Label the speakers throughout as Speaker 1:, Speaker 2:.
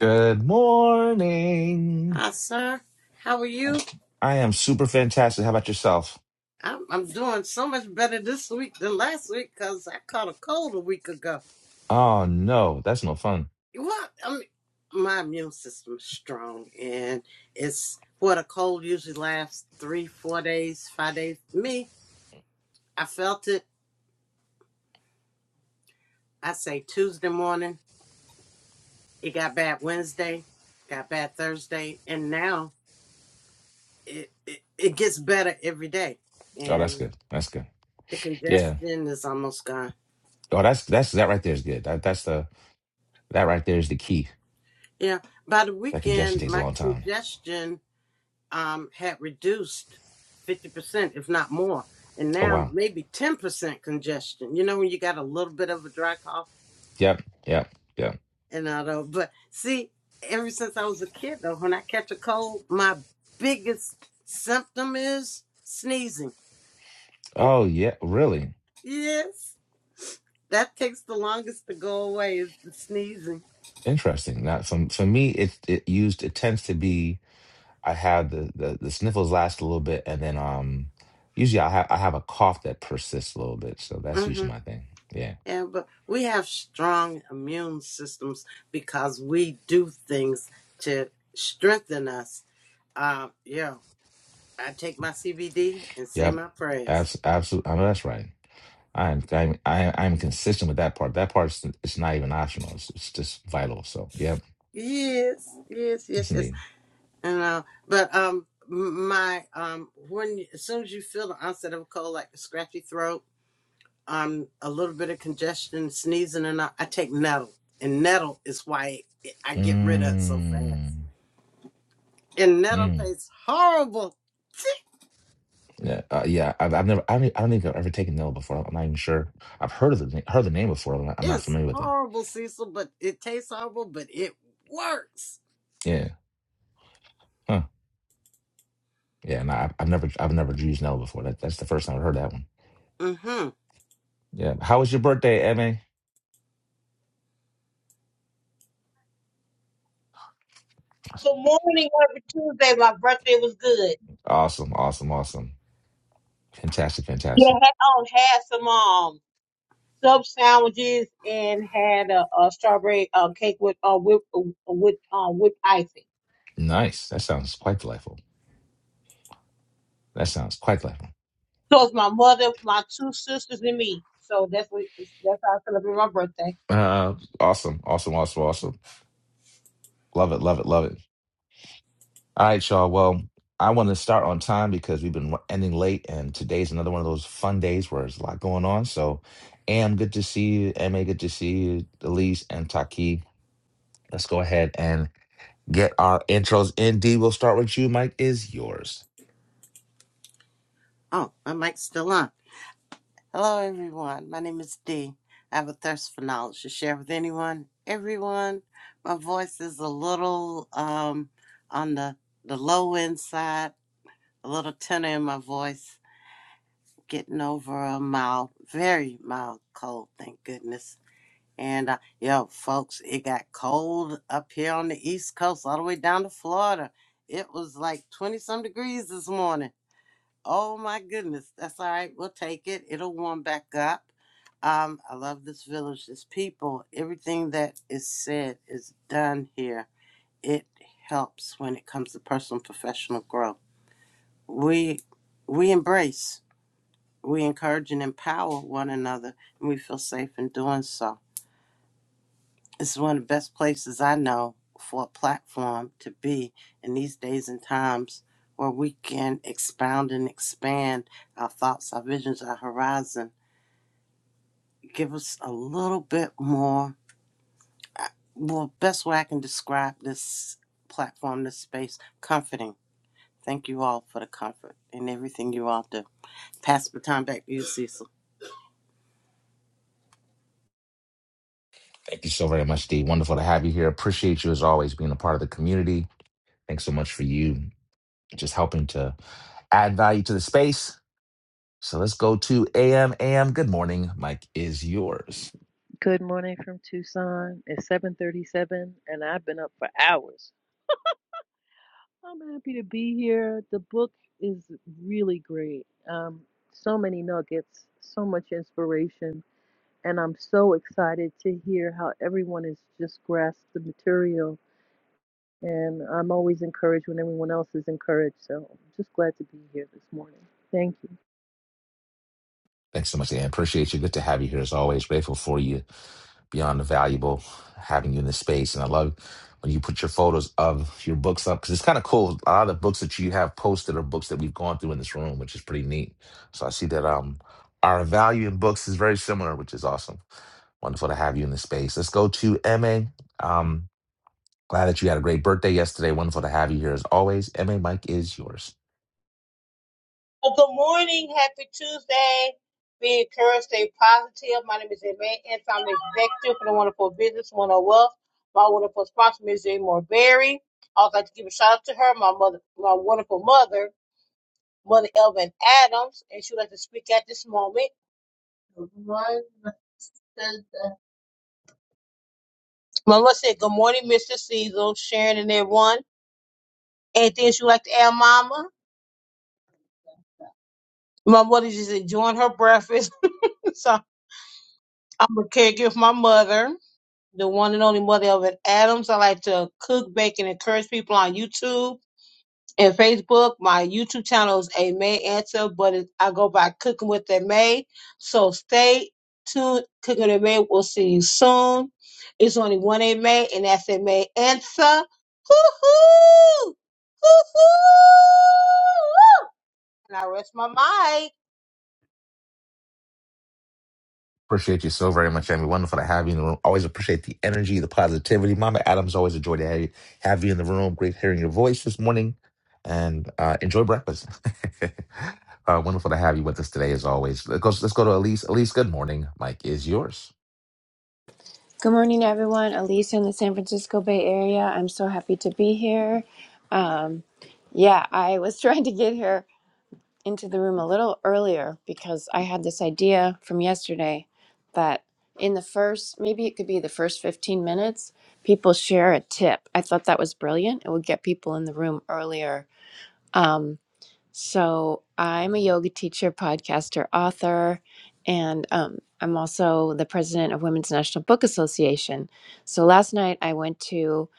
Speaker 1: Good morning.
Speaker 2: Hi, sir. How are you?
Speaker 1: I am super fantastic. How about yourself?
Speaker 2: I'm, I'm doing so much better this week than last week because I caught a cold a week ago.
Speaker 1: Oh no, that's no fun.
Speaker 2: What? I mean, my immune system is strong, and it's what a cold usually lasts three, four days, five days. Me, I felt it, I say Tuesday morning. It got bad Wednesday, got bad Thursday, and now it, it, it gets better every day.
Speaker 1: Oh, that's
Speaker 2: And
Speaker 1: good. That's good.
Speaker 2: the
Speaker 1: Yeah.
Speaker 2: congestion is almost gone
Speaker 1: Oh, that's that's that right there is good. That that's the that right there is the key.
Speaker 2: Yeah. By the
Speaker 1: That congestion
Speaker 2: weekend,
Speaker 1: takes a
Speaker 2: my
Speaker 1: long time.
Speaker 2: congestion um, had reduced 50%, if not more. And
Speaker 1: Oh
Speaker 2: now
Speaker 1: wow.
Speaker 2: maybe 10% congestion. You know, when you got a little bit of a dry cough
Speaker 1: Yep. Yep. Yep.
Speaker 2: and all that. But see, ever since I was a kid, though, when I catch a cold, my biggest symptom is sneezing.
Speaker 1: Oh yeah. Really
Speaker 2: Yes. That takes the longest to go away is the sneezing.
Speaker 1: interesting. Now, for for me, it it used it tends to be I have the the, the sniffles last a little bit, and then um usually I have I have a cough that persists a little bit. So that's
Speaker 2: Mm-hmm.
Speaker 1: usually my thing. Yeah.
Speaker 2: Yeah, but we have strong immune systems because we do things to strengthen us. Uh, yeah, I take my CBD and say
Speaker 1: Yep.
Speaker 2: my prayers.
Speaker 1: Abs- absolutely. I know that's right. I am. I'm. I, I'm consistent with that part. That part is. It's not even optional. It's. It's just vital. So. Yep.
Speaker 2: Yes, yes,
Speaker 1: Yes,
Speaker 2: yes, yes.
Speaker 1: indeed.
Speaker 2: And uh, but um, m- my um, when you- as soon as you feel the onset of a cold, like a scratchy throat, um, a little bit of congestion, sneezing, and all, I take nettle, and nettle is why I get rid of it so fast.
Speaker 1: Mm.
Speaker 2: And nettle
Speaker 1: Mm.
Speaker 2: tastes horrible.
Speaker 1: Yeah. Uh, yeah. I've, I've never. I don't, e, I don't think I've ever taken Nella before. I'm not even sure. I've heard of the na- heard the name before. But I'm not
Speaker 2: It's
Speaker 1: familiar with it.
Speaker 2: horrible, Cecil, but it tastes horrible, but it works.
Speaker 1: Yeah. Huh. Yeah. And I, I've never. I've never used Nella before. That, that's the first time I've heard that one.
Speaker 2: Mm-hmm.
Speaker 1: Yeah. How was your birthday, Emma?
Speaker 3: Good morning, happy Tuesday. My birthday was good.
Speaker 1: Awesome. Awesome. Awesome. Fantastic.
Speaker 3: Yeah,
Speaker 1: Fantastic.
Speaker 3: had, oh, had some um sub sandwiches and had a, a strawberry uh, cake with uh whip uh, with um whipped icing.
Speaker 1: Nice. That sounds quite delightful. That sounds quite clever.
Speaker 3: So it's my mother, my two sisters, and me. So that's what that's how I celebrate my birthday.
Speaker 1: Uh, awesome, awesome, awesome, awesome. Love it, love it, love it. All right, y'all. Well, I want to start on time because we've been ending late, and today's another one of those fun days where there's a lot going on. So, Am, good to see you. Ma, good to see you. Elise and Taki, let's go ahead and get our intros in. D, we'll start with you. Mike is yours.
Speaker 2: Oh, my mic's still on. Hello, everyone. My name is Dee. I have a thirst for knowledge to share with anyone, everyone. My voice is a little um on the the low end side, a little tenor in my voice, getting over a mild, very mild cold, thank goodness. And uh, yo, folks, it got cold up here on the East Coast, all the way down to Florida. It was like 20 some degrees this morning. Oh my goodness. That's all right. We'll take it. It'll warm back up. Um, I love this village, this people. Everything that is said is done here. It helps when it comes to personal and professional growth. We we embrace, we encourage and empower one another, and we feel safe in doing so. It's one of the best places I know for a platform to be in these days and times where we can expound and expand our thoughts, our visions, our horizon. Give us a little bit more. uh, Well, best way I can describe this platform, this space, comforting. Thank you all for the comfort and everything you all do. Pass the time back to you, Cecil.
Speaker 1: Thank you so very much, D. Wonderful to have you here. Appreciate you as always being a part of the community. Thanks so much for you just helping to add value to the space So let's go to AM. AM, good morning. Mike is yours.
Speaker 4: Good morning from Tucson. It's 7:37 and I've been up for hours. I'm happy to be here. The book is really great. Um, so many nuggets, so much inspiration, and I'm so excited to hear how everyone has just grasped the material. And I'm always encouraged when everyone else is encouraged. So I'm just glad to be here this morning. Thank you.
Speaker 1: Thanks so much, AM. Appreciate you. Good to have you here as always. Grateful for you. Beyond valuable having you in this space. And I love when you put your photos of your books up because it's kind of cool. A lot of the books that you have posted are books that we've gone through in this room, which is pretty neat. So I see that um our value in books is very similar, which is awesome. Wonderful to have you in the space. Let's go to MA. Um, glad that you had a great birthday yesterday. Wonderful to have you here as always. MA, Mike is yours.
Speaker 3: Well, good morning. Happy Tuesday. Be encouraged, stay positive. My name is Amy and I'm the executive for the Wonderful Business, Wonderful Wealth. My wonderful sponsor, Ms. Jane Morberry. I would like to give a shout out to her, my mother, my wonderful mother, Mother Elvin Adams, and she would like to speak at this moment. Good morning, Mr. Mama said, Good morning, Mr. Cecil, Sharon, and everyone. Anything she would like to add, Mama? My mother just enjoying her breakfast. so I'm a caregiver for my mother. the one and only mother of Adams. I like to cook, bake, and encourage people on YouTube and Facebook. My YouTube channel is A May Answer, but it, I go by Cooking with A May. So stay tuned. Cooking with A May. We'll see you soon. It's only one A May, and that's A May Answer. Hoo-hoo! Hoo-hoo! And I rest my mic.
Speaker 1: Appreciate you so very much, Amy. Wonderful to have you in the room. Always appreciate the energy, the positivity. Mama Adams, always a joy to have you, have you in the room. Great hearing your voice this morning. And uh, enjoy breakfast. uh, wonderful to have you with us today, as always. Let's go, let's go to Elise. Elise, good morning. Mike is yours.
Speaker 5: Good morning, everyone. Elisa in the San Francisco Bay Area. I'm so happy to be here. Um, yeah, I was trying to get here into the room a little earlier because I had this idea from yesterday that in the first, maybe it could be the first 15 minutes, people share a tip. I thought that was brilliant. It would get people in the room earlier. Um, so I'm a yoga teacher, podcaster, author, and um, I'm also the president of Women's National Book Association. So last night I went to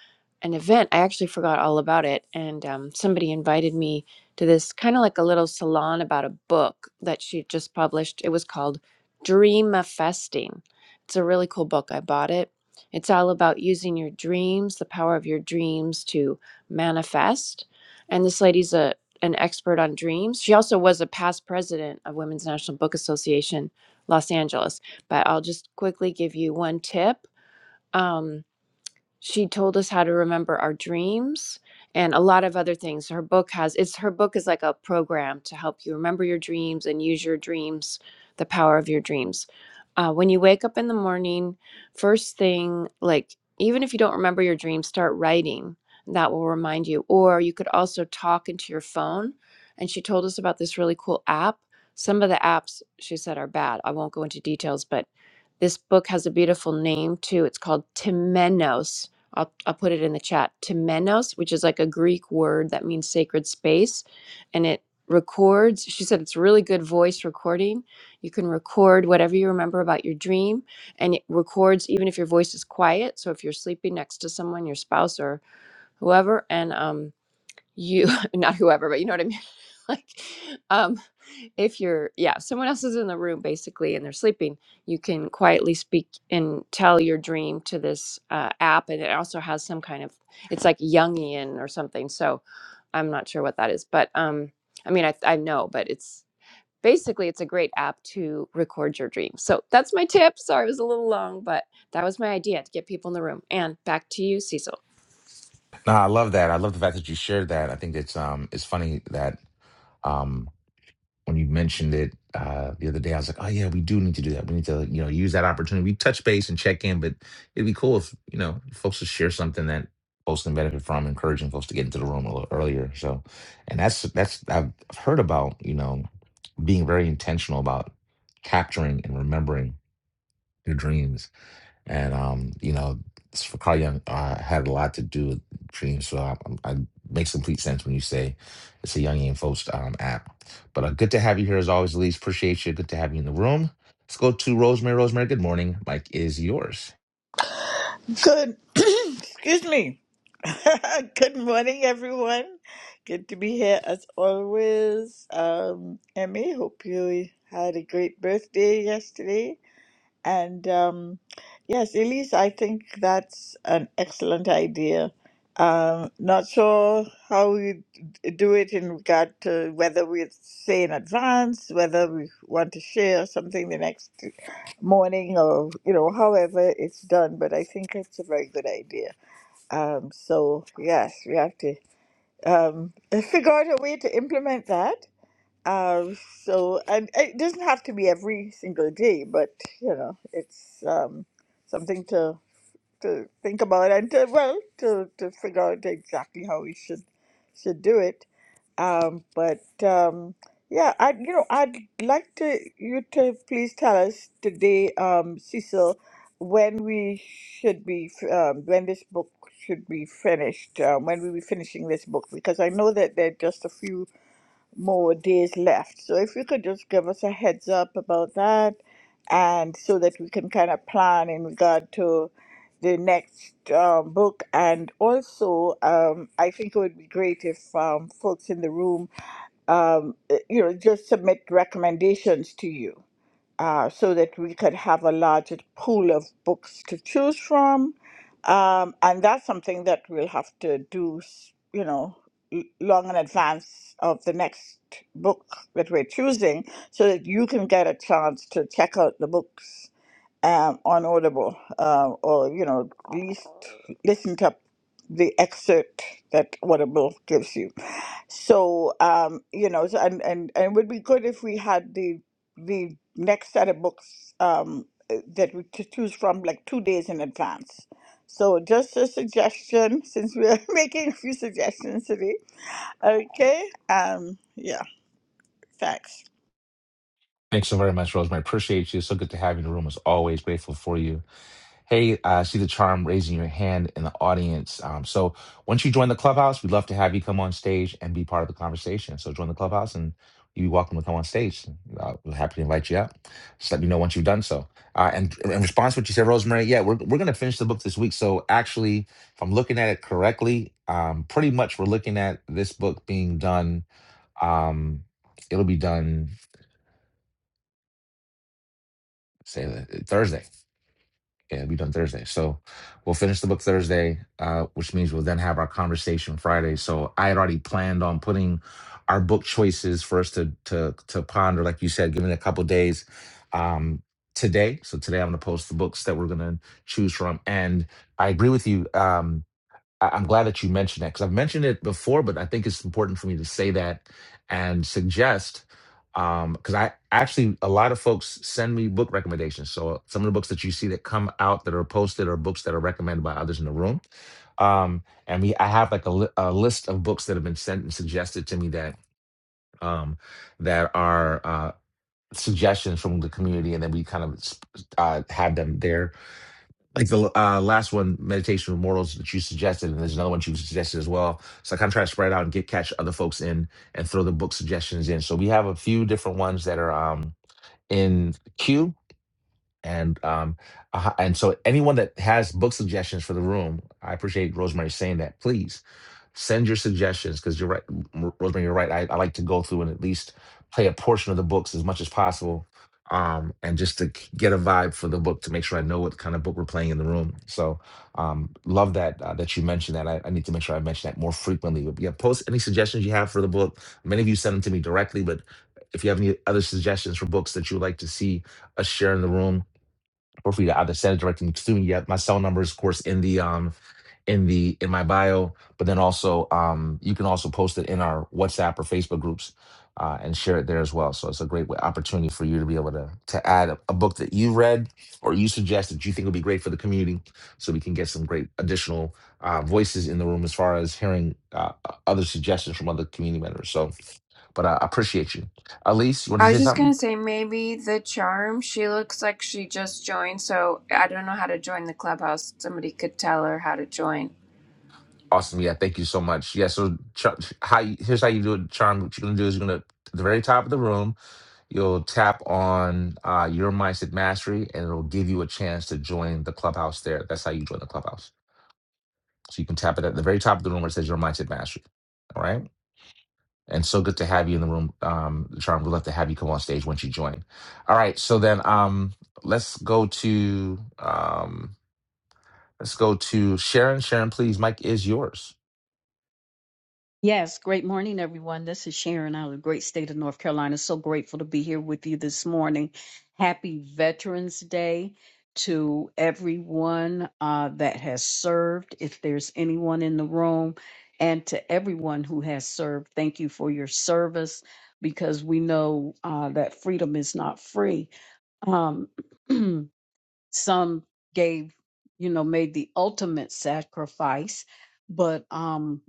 Speaker 5: an event. I actually forgot all about it, and um, somebody invited me to this kind of like a little salon about a book that she just published. It was called Dreamifesting. It's a really cool book. I bought it. It's all about using your dreams, the power of your dreams to manifest. And this lady's a an expert on dreams. She also was a past president of Women's National Book Association, Los Angeles. But I'll just quickly give you one tip. Um, she told us how to remember our dreams and a lot of other things her book has it's her book is like a program to help you remember your dreams and use your dreams the power of your dreams uh, when you wake up in the morning first thing like even if you don't remember your dreams start writing that will remind you or you could also talk into your phone and she told us about this really cool app some of the apps she said are bad i won't go into details but this book has a beautiful name too it's called timenos I'll, I'll put it in the chat. Temenos, which is like a Greek word that means sacred space, and it records. She said it's really good voice recording. You can record whatever you remember about your dream, and it records even if your voice is quiet. So if you're sleeping next to someone, your spouse or whoever, and um, you not whoever but you know what i mean like um if you're yeah if someone else is in the room basically and they're sleeping you can quietly speak and tell your dream to this uh, app and it also has some kind of it's like jungian or something so i'm not sure what that is but um i mean i, I know but it's basically it's a great app to record your dreams. So that's my tip. Sorry, it was a little long, but that was my idea to get people in the room. And back to you, Cecil.
Speaker 1: No, I love that. I love the fact that you shared that. I think it's um, it's funny that um. when you mentioned it uh, the other day, I was like, oh yeah, we do need to do that. We need to, you know, use that opportunity. We touch base and check in, but it'd be cool if you know folks would share something that folks can benefit from, encouraging folks to get into the room a little earlier. So, and that's that's I've heard about you know being very intentional about capturing and remembering your dreams and um, you know, Sakar Young uh, had a lot to do with dreams. So I, I, I makes complete sense when you say it's a Youngian folks um, app. But uh, good to have you here as always, Elise. Appreciate you. Good to have you in the room. Let's go to Rosemary. Rosemary, good morning. Mike is yours.
Speaker 6: Good. Excuse me. Good morning, everyone. Good to be here as always. Um, Emmy, hope you had a great birthday yesterday. And um, yes, Elise, I think that's an excellent idea. Um, not sure how we d- do it in regard to whether we say in advance, whether we want to share something the next morning, or you know, however it's done. But I think it's a very good idea. Um, so yes, we have to um, figure out a way to implement that. Um, so and it doesn't have to be every single day, but you know, it's um, something to to think about and to well to to figure out exactly how we should should do it. Um, but um, yeah, I you know I'd like to you to please tell us today, um, Cecil, when we should be f- um, when this book should be finished, um, when we'll be finishing this book because I know that there are just a few more days left. So if you could just give us a heads up about that and so that we can kind of plan in regard to the next um, book. And also, um, I think it would be great if um, folks in the room, um, eh, you know, just submit recommendations to you uh, so that we could have a larger pool of books to choose from. Um, and that's something that we'll have to do, s- you know, l- long in advance of the next book that we're choosing so that you can get a chance to check out the books um, on Audible, uh, or you know, at least listen to the excerpt that Audible gives you. So um, you know, so- and and and it would be good if we had the the next set of books um, uh, that we to choose from like two days in advance. So just a suggestion, since we are making a few suggestions today. Okay. Um, yeah. Thanks.
Speaker 1: Thanks so very much, Rosemary. Appreciate you. So good to have you in the room as always. Grateful for you. Hey, I see the charm raising your hand in the audience. Um, so once you join the clubhouse, we'd love to have you come on stage and be part of the conversation. So join the clubhouse and you'd be welcome to come on stage. Uh, we're happy to invite you up. Just let me know once you've done so. Uh, and in response to what you said, Rosemary, yeah, we're, we're going to finish the book this week. So actually, if I'm looking at it correctly, um, pretty much we're looking at this book being done. Um, it'll be done, say, uh, Thursday. Yeah, it'll be done Thursday. So we'll finish the book Thursday, uh, which means we'll then have our conversation Friday. So I had already planned on putting our book choices for us to to to ponder, like you said, given a couple days um, today. So today I'm gonna post the books that we're gonna choose from. And I agree with you. Um, I- I'm glad that you mentioned that because I've mentioned it before, but I think it's important for me to say that and suggest um because I actually a lot of folks send me book recommendations. So some of the books that you see that come out that are posted are books that are recommended by others in the room. Um and we I have like a, li- a list of books that have been sent and suggested to me that um that are uh suggestions from the community and then we kind of uh have them there like the uh, last one, meditation with mortals that you suggested, and there's another one you suggested as well. So I kind of try to spread out and get catch other folks in and throw the book suggestions in. So we have a few different ones that are um, in queue, and um, uh, and so anyone that has book suggestions for the room, I appreciate Rosemary saying that. Please Send your suggestions because you're right, M- Rosemary. You're right. I, I like to go through and at least play a portion of the books as much as possible, um, and just to k- get a vibe for the book to make sure I know what kind of book we're playing in the room. So, um, love that uh, that you mentioned that. I, I need to make sure I mention that more frequently. But yeah, post any suggestions you have for the book. Many of you send them to me directly, but if you have any other suggestions for books that you would like to see us share in the room, or for you to either send it directly to me. Yet my cell number is, of course, in the um in the in my bio, but then also um you can also post it in our WhatsApp or Facebook groups uh, and share it there as well. So it's a great way- opportunity for you to be able to to add a, a book that you read or you suggest that you think would be great for the community, so we can get some great additional uh, voices in the room as far as hearing uh, other suggestions from other community members. So, but I appreciate you, Elise. You want
Speaker 5: I
Speaker 1: to
Speaker 5: was
Speaker 1: say
Speaker 5: just
Speaker 1: something?
Speaker 5: gonna say maybe the charm. She looks like she just joined, so I don't know how to join the clubhouse. Somebody could tell her how to join.
Speaker 1: Awesome. Yeah. Thank you so much. Yeah. So ch- how you, here's how you do it, Charm. What you're gonna do is you're gonna at the very top of the room, you'll tap on uh, your mindset mastery, and it'll give you a chance to join the clubhouse. There. That's how you join the clubhouse. So you can tap it at the very top of the room where it says your mindset mastery. All right. And so good to have you in the room, um, Charm. We'd love to have you come on stage once you join. All right. So then, um, let's go to um, let's go to Sharon. Sharon, please. Mike is yours.
Speaker 7: Yes, great morning, everyone. This is Sharon out of the great state of North Carolina. So grateful to be here with you this morning. Happy Veterans Day to everyone uh, that has served, if there's anyone in the room, and to everyone who has served. Thank you for your service because we know uh, that freedom is not free. Um, some gave you know made the ultimate sacrifice but um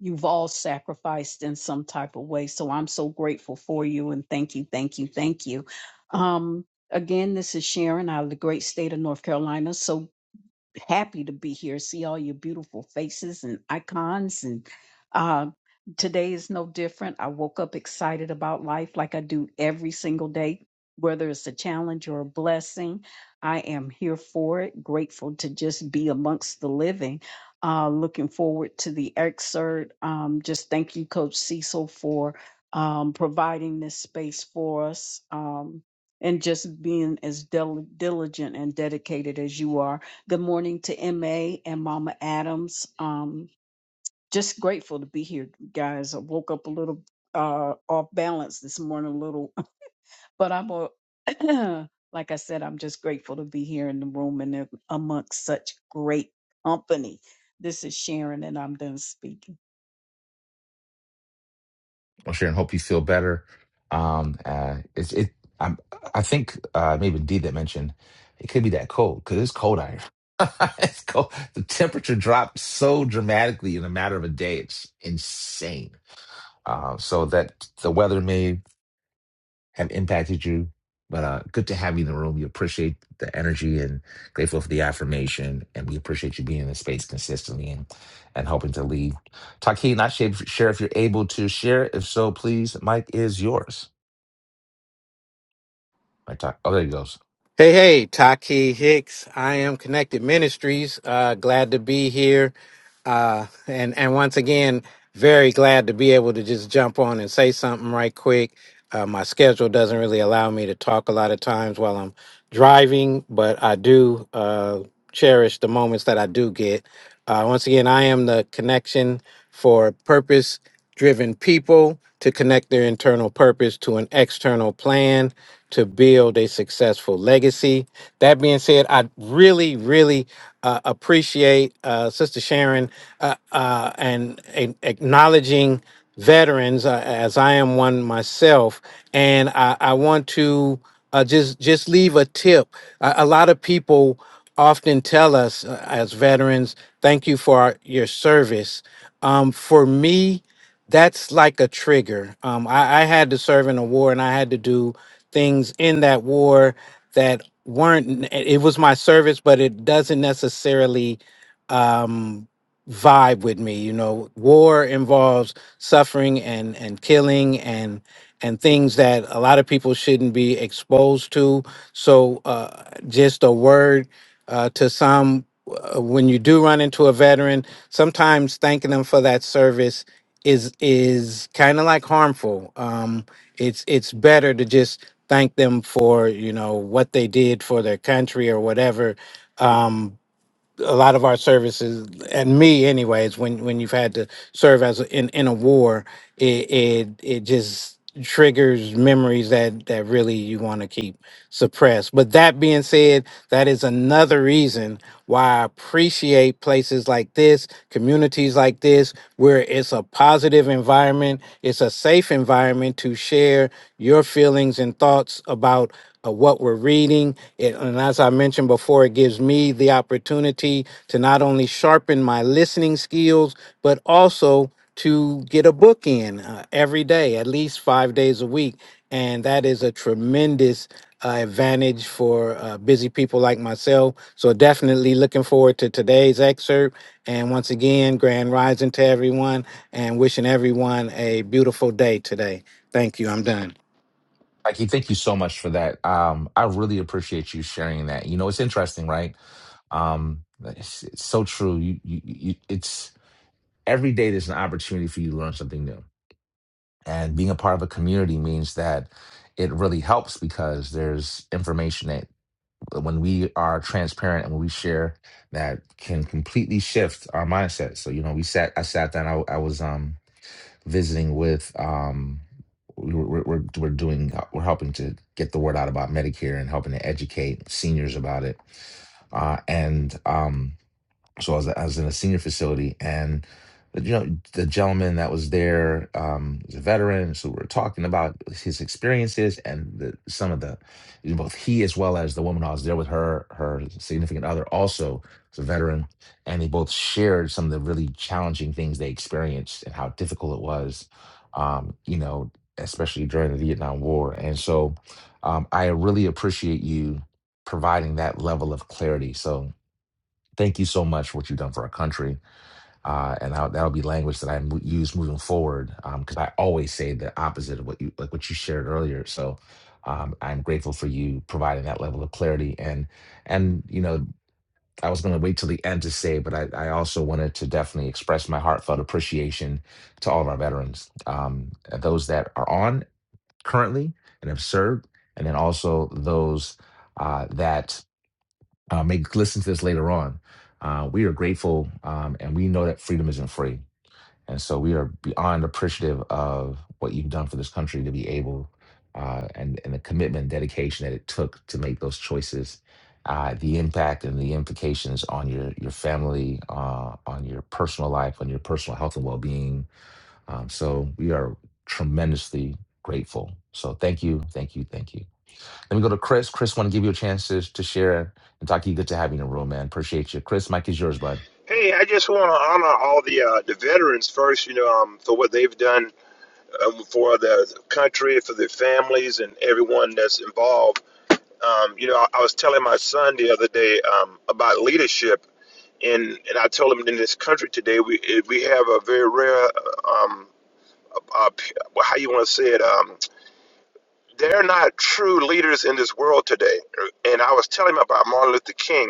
Speaker 7: you've all sacrificed in some type of way so i'm so grateful for you and thank you thank you thank you um again this is sharon out of the great state of north carolina so happy to be here, see all your beautiful faces and icons. And uh, today is no different. I woke up excited about life like I do every single day, whether it's a challenge or a blessing. I am here for it, grateful to just be amongst the living. Uh, looking forward to the excerpt. Um, just thank you, Coach Cecil, for um, providing this space for us. Um, and just being as dil- diligent and dedicated as you are Good morning to MA and Mama Adams. Um, just grateful to be here, guys. I woke up a little uh, off balance this morning, a little, but I'm a, like I said, I'm just grateful to be here in the room and in- amongst such great company. This is Sharon, and I'm done speaking.
Speaker 1: I'm sure, and hope you feel better. Um, uh, it's it. I'm, I think uh, maybe D that mentioned it could be that cold because it's cold out here. it's cold. The temperature dropped so dramatically in a matter of a day. It's insane. Uh, so that the weather may have impacted you. But uh, good to have you in the room. We appreciate the energy and grateful for the affirmation. And we appreciate you being in the space consistently and, and helping to lead. Taki, not share if, sure if you're able to share. If so, please, Mike is yours. Mike, talk. Oh, there he goes.
Speaker 8: Hey, hey, Taki Hicks. I am Connected Ministries. Uh, glad to be here. Uh, and, and once again, very glad to be able to just jump on and say something right quick. Uh, my schedule doesn't really allow me to talk a lot of times while I'm driving, but I do uh, cherish the moments that I do get. Uh, once again, I am the connection for purpose driven people to connect their internal purpose to an external plan to build a successful legacy. That being said, I really, really uh, appreciate uh, Sister Sharon uh, uh, and, and acknowledging veterans uh, as I am one myself. And I, I want to uh, just just leave a tip. A, a lot of people often tell us uh, as veterans, thank you for our, your service. Um, for me, that's like a trigger. Um, I, I had to serve in a war and I had to do things in that war that weren't, it was my service, but it doesn't necessarily um, vibe with me. You know, war involves suffering and, and killing and, and things that a lot of people shouldn't be exposed to. So uh, just a word uh, to some, uh, when you do run into a veteran, sometimes thanking them for that service is is kind of like harmful. Um, it's it's better to just thank them for you know what they did for their country or whatever. Um, a lot of our services and me anyways when when you've had to serve as a, in in a war it it, it just triggers memories that that really you want to keep suppressed but that being said that is another reason why I appreciate places like this, communities like this, where it's a positive environment, it's a safe environment to share your feelings and thoughts about uh, what we're reading. It, and as I mentioned before, it gives me the opportunity to not only sharpen my listening skills, but also to get a book in uh, every day, at least five days a week. And that is a tremendous uh, advantage for uh, busy people like myself. So definitely looking forward to today's excerpt. And once again, grand rising to everyone and wishing everyone a beautiful day today. Thank you. I'm done.
Speaker 1: Mikey, thank you so much for that. Um, I really appreciate you sharing that. You know, it's interesting, right? Um, it's, it's so true. You, you, you, it's every day there's an opportunity for you to learn something new And being a part of a community means that it really helps because there's information that uh, when we are transparent and when we share that can completely shift our mindset. So, you know, we sat, I sat down, I, I was um, visiting with, um, we we're, we're, we're we're doing, uh, we're helping to get the word out about Medicare and helping to educate seniors about it. Uh, and, um, so I was, I was in a senior facility and you know the gentleman that was there um was a veteran so we were talking about his experiences and the, some of the both he as well as the woman I was there with her her significant other also was a veteran and they both shared some of the really challenging things they experienced and how difficult it was um you know especially during the Vietnam War and so um I really appreciate you providing that level of clarity so thank you so much for what you've done for our country. Uh, and I, that'll be language that I mo- use moving forward because I always say the opposite of what you like what you shared earlier. So um, I'm grateful for you providing that level of clarity. And and you know I was going to wait till the end to say, but I, I also wanted to definitely express my heartfelt appreciation to all of our veterans, um, those that are on currently and have served, and then also those uh, that uh, may listen to this later on. Uh, we are grateful um, and we know that freedom isn't free. And so we are beyond appreciative of what you've done for this country to be able uh, and, and the commitment and dedication that it took to make those choices, uh, the impact and the implications on your, your family, uh, on your personal life, on your personal health and well being. Um, so we are tremendously grateful. So thank you, thank you, thank you. Let me go to Chris. Chris, want to give you a chance to, to share. And Taki, good to have you in the room, man. Appreciate you. Chris, Mike is yours, bud.
Speaker 9: Hey, I just want to honor all the uh, the veterans first, you know, um, for what they've done um, for the country, for their families, and everyone that's involved. Um, you know, I, I was telling my son the other day um, about leadership, and and I told him in this country today we it- we have a very rare, um, uh, p- well, how you want to say it, um, they're not true leaders in this world today. And I was telling him about Martin Luther King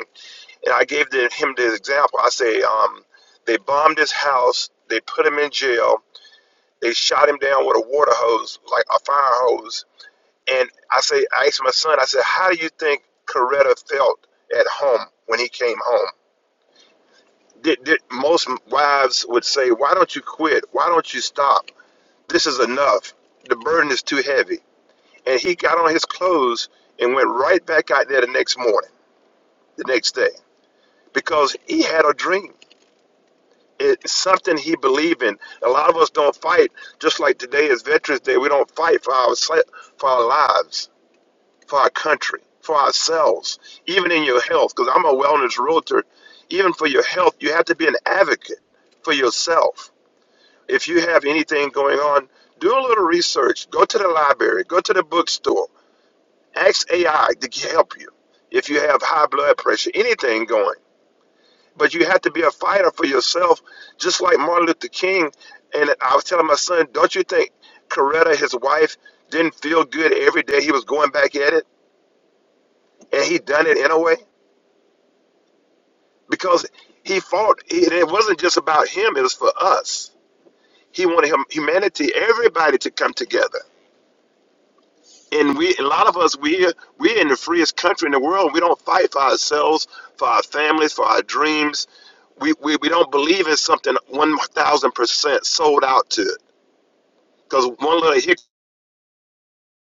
Speaker 9: and I gave the, him the example. I say, um, they bombed his house, they put him in jail, they shot him down with a water hose, like a fire hose. And I say, I asked my son, I said, how do you think Coretta felt at home when he came home? Did, did, most wives would say, why don't you quit? Why don't you stop? This is enough. The burden is too heavy. And he got on his clothes and went right back out there the next morning, the next day, because he had a dream. it's something he believed in. A lot of us don't fight, just like today is Veterans Day. We don't fight for our for our lives, for our country, for ourselves, even in your health. Because I'm a wellness realtor. Even for your health, you have to be an advocate for yourself. If you have anything going on, do a little research. Go to the library. Go to the bookstore. Ask AI to help you. If you have high blood pressure, anything going but you have to be a fighter for yourself, just like Martin Luther King. And I was telling my son, don't you think Coretta, his wife, didn't feel good every day he was going back at it, and he done it in a way because he fought. It it wasn't just about him; it was for us. He wanted hum- humanity, everybody, to come together. And we, a lot of us, we we're in the freest country in the world. We don't fight for ourselves, for our families, for our dreams. We, we, we don't believe in something 1,000% sold out to. because one little hiccup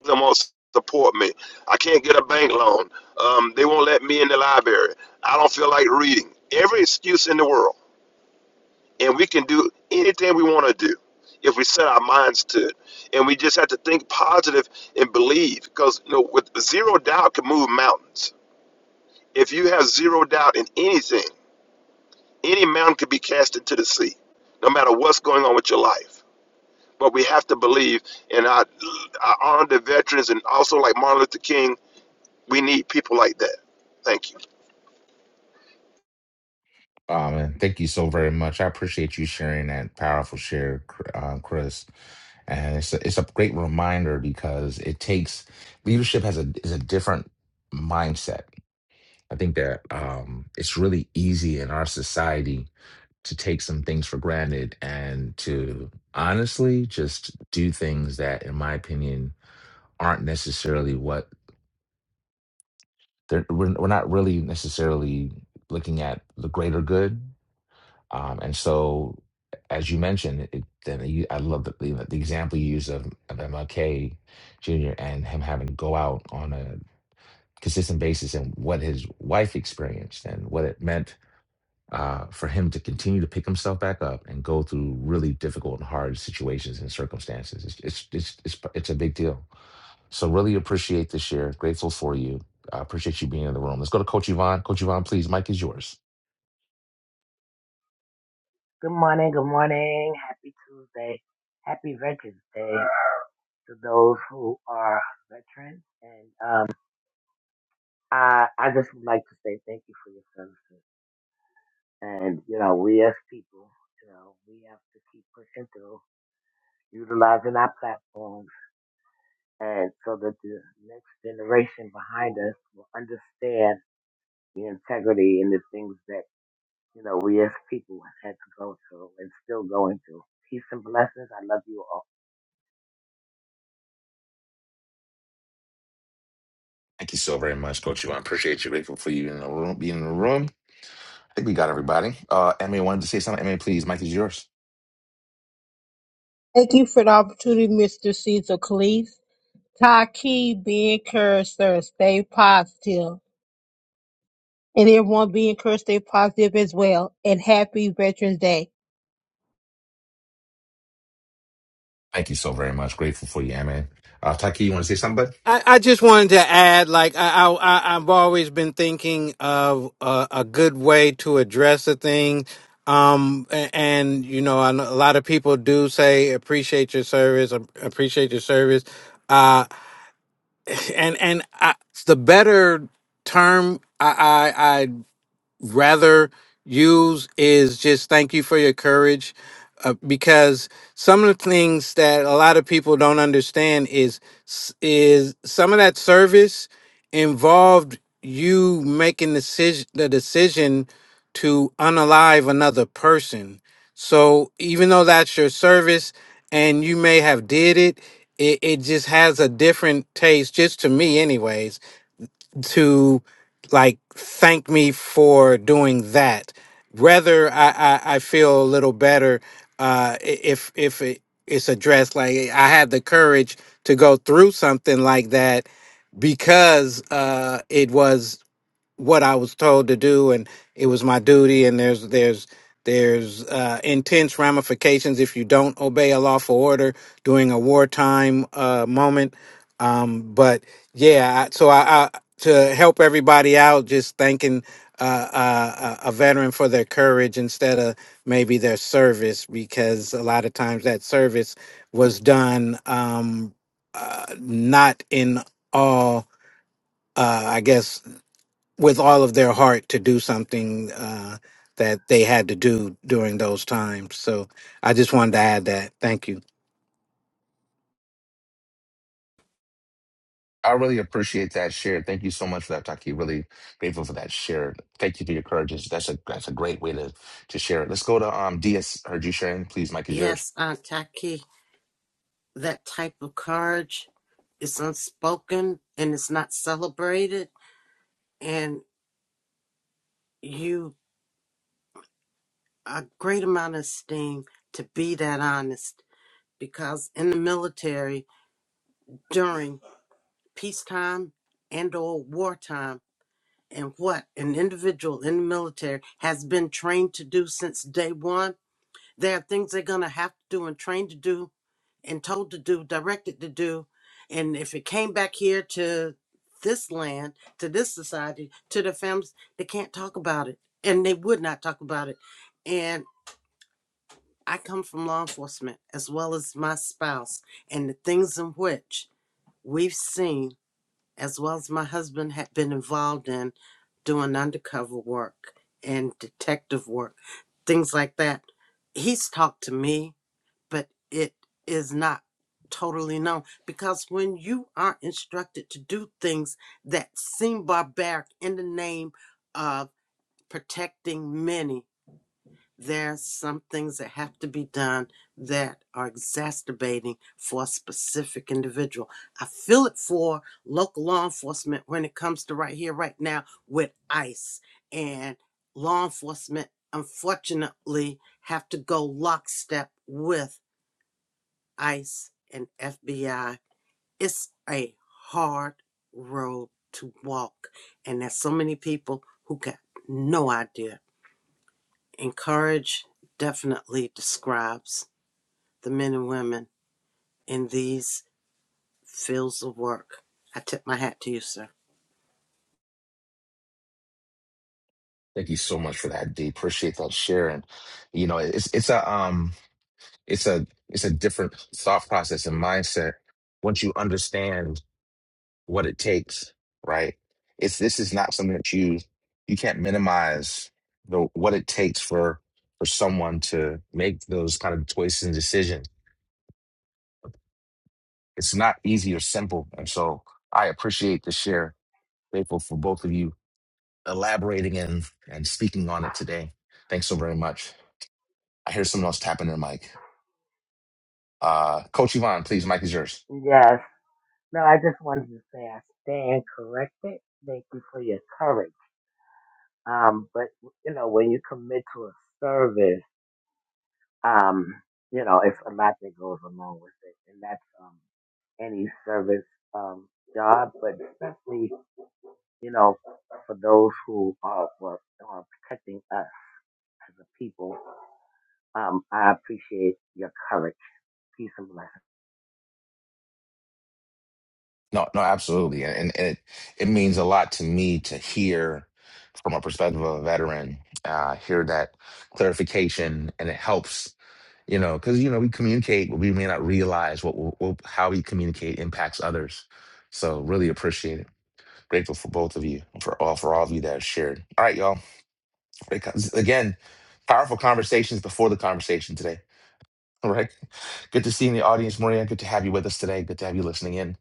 Speaker 9: them won't support me. I can't get a bank loan. Um, they won't let me in the library. I don't feel like reading. Every excuse in the world, and we can do anything we want to do if we set our minds to it, and we just have to think positive and believe. Because you know, with zero doubt can move mountains. If you have zero doubt in anything, any mountain could be cast into the sea, no matter what's going on with your life. But we have to believe, and I, I honor the veterans, and also like Martin Luther King We need people like that. Thank you.
Speaker 1: Oh, man. Thank you so very much. I appreciate you sharing that powerful share, Chr- uh, Chris. And it's a, it's a great reminder because it takes leadership has a is a different mindset. I think that um, it's really easy in our society to take some things for granted and to honestly just do things that, in my opinion, aren't necessarily what They're, we're, we're not really necessarily looking at the greater good. Um, and so, as you mentioned, it, then you, I love the, the, the example you use of, of MLK Jr. and him having to go out on a consistent basis and what his wife experienced and what it meant uh, for him to continue to pick himself back up and go through really difficult and hard situations and circumstances. It's, it's, it's, it's, it's a big deal. So really appreciate the share. Grateful for you. I appreciate you being in the room. Let's go to Coach Yvonne. Coach Yvonne, please. Mike is yours.
Speaker 10: Good morning, good morning. Happy Tuesday. Happy Veterans Day to those who are veterans. And um, I, I just would like to say thank you for your services. And, you know, we as people, you know, we have to keep pushing through, utilizing our platforms, and so that the next generation behind us will understand the integrity and the things that, you know, we as people had to go through and still going through. Peace and blessings. I love you all.
Speaker 1: Thank you so very much, Coach Yvonne. Appreciate you. Grateful for you in the room. Being in the room. I think we got everybody. Uh, Emma wanted to say something. Emma, please. Mike is yours.
Speaker 3: Thank you for the opportunity, Mr. Cecil Cleese. Taki, be encouraged, sir. Stay positive. and everyone be encouraged to stay positive as well. And happy Veterans Day.
Speaker 1: Thank you so very much. Grateful for you, Emma. Uh, Taki, you want to say something? bud?
Speaker 8: I, I just wanted to add, like I, I, I- I've always been thinking of a, a good way to address a thing. Um, a- and you know, I know a lot of people do say appreciate your service, ap- appreciate your service. Uh, and and I, the better term I, I rather use is just thank you for your courage uh, because some of the things that a lot of people don't understand is s- is some of that service involved you making decision the decision to unalive another person so even though that's your service and you may have did it it, it just has a different taste just to me anyways to like thank me for doing that. Rather, I I, I feel a little better uh, i- if if it, it's addressed. Like I had the courage to go through something like that because uh, it was what I was told to do, and it was my duty. And there's there's there's uh, intense ramifications if you don't obey a lawful order during a wartime uh, moment. Um, but yeah, I, so I, I to help everybody out, just thanking uh, uh, a a veteran for their courage instead of maybe their service, because a lot of times that service was done um, uh, not in all. Uh, I guess with all of their heart to do something uh, that they had to do during those times. So I just wanted to add that. Thank you.
Speaker 1: I really appreciate that share. Thank you so much for that, Taki. Really grateful for that share. Thank you for your courage. That's a that's a great way to to share it. Let's go to um DS. Heard you sharing. Please, Mike is yours.
Speaker 2: Yes, Aunt Taki, that type of courage is unspoken and it's not celebrated and you a great amount of esteem to be that honest because in the military during peacetime and or wartime and what an individual in the military has been trained to do since day one there are things they're going to have to do and trained to do and told to do directed to do and if it came back here to this land to this society to their families they can't talk about it and they would not talk about it and. I come from law enforcement as well as my spouse, and the things in which we've seen, as well as my husband, had been involved in doing undercover work and detective work, things like that. He's talked to me, but it is not totally known because when you are instructed to do things that seem barbaric in the name of protecting many there's some things that have to be done that are exacerbating for a specific individual. I feel it for local law enforcement when it comes to right here, right now with ICE and law enforcement. Unfortunately, have to go lockstep with ICE and FBI. It's a hard road to walk, and there's so many people who got no idea Encourage definitely describes the men and women in these fields of work. I tip my hat to you, sir.
Speaker 1: Thank you so much for that, D. Appreciate that share. And you know, it's it's a um it's a it's a different thought process and mindset once you understand what it takes, right? It's this is not something that you you can't minimize the what it takes for for someone to make those kind of choices and decisions. It's not easy or simple. And so I appreciate the share. Grateful for both of you elaborating and and speaking on it today. Thanks so very much. I hear someone else tapping their mic. Uh, Coach Yvonne, please, mic is yours.
Speaker 10: Yes. No, I just wanted to say I stand corrected. Thank you for your courage. Um, but you know, when you commit to a service, um, you know, it's a lot that goes along with it, and that's um, any service um, job, but especially you know, for those who are, were- are protecting us as a people. Um, I appreciate your courage. Peace and blessings.
Speaker 1: No, no, absolutely, and, and it it means a lot to me to hear from a perspective of a veteran, uh, hear that clarification, and it helps. You know, because you know we communicate, but we may not realize what, what what- how we communicate impacts others. So really appreciate it. Grateful for both of you, for all for all of you that have shared. All right, y'all. Great con- Again, powerful conversations before the conversation today All right. Good to see you in the audience, Maria. Good to have you with us today. Good to have you listening in.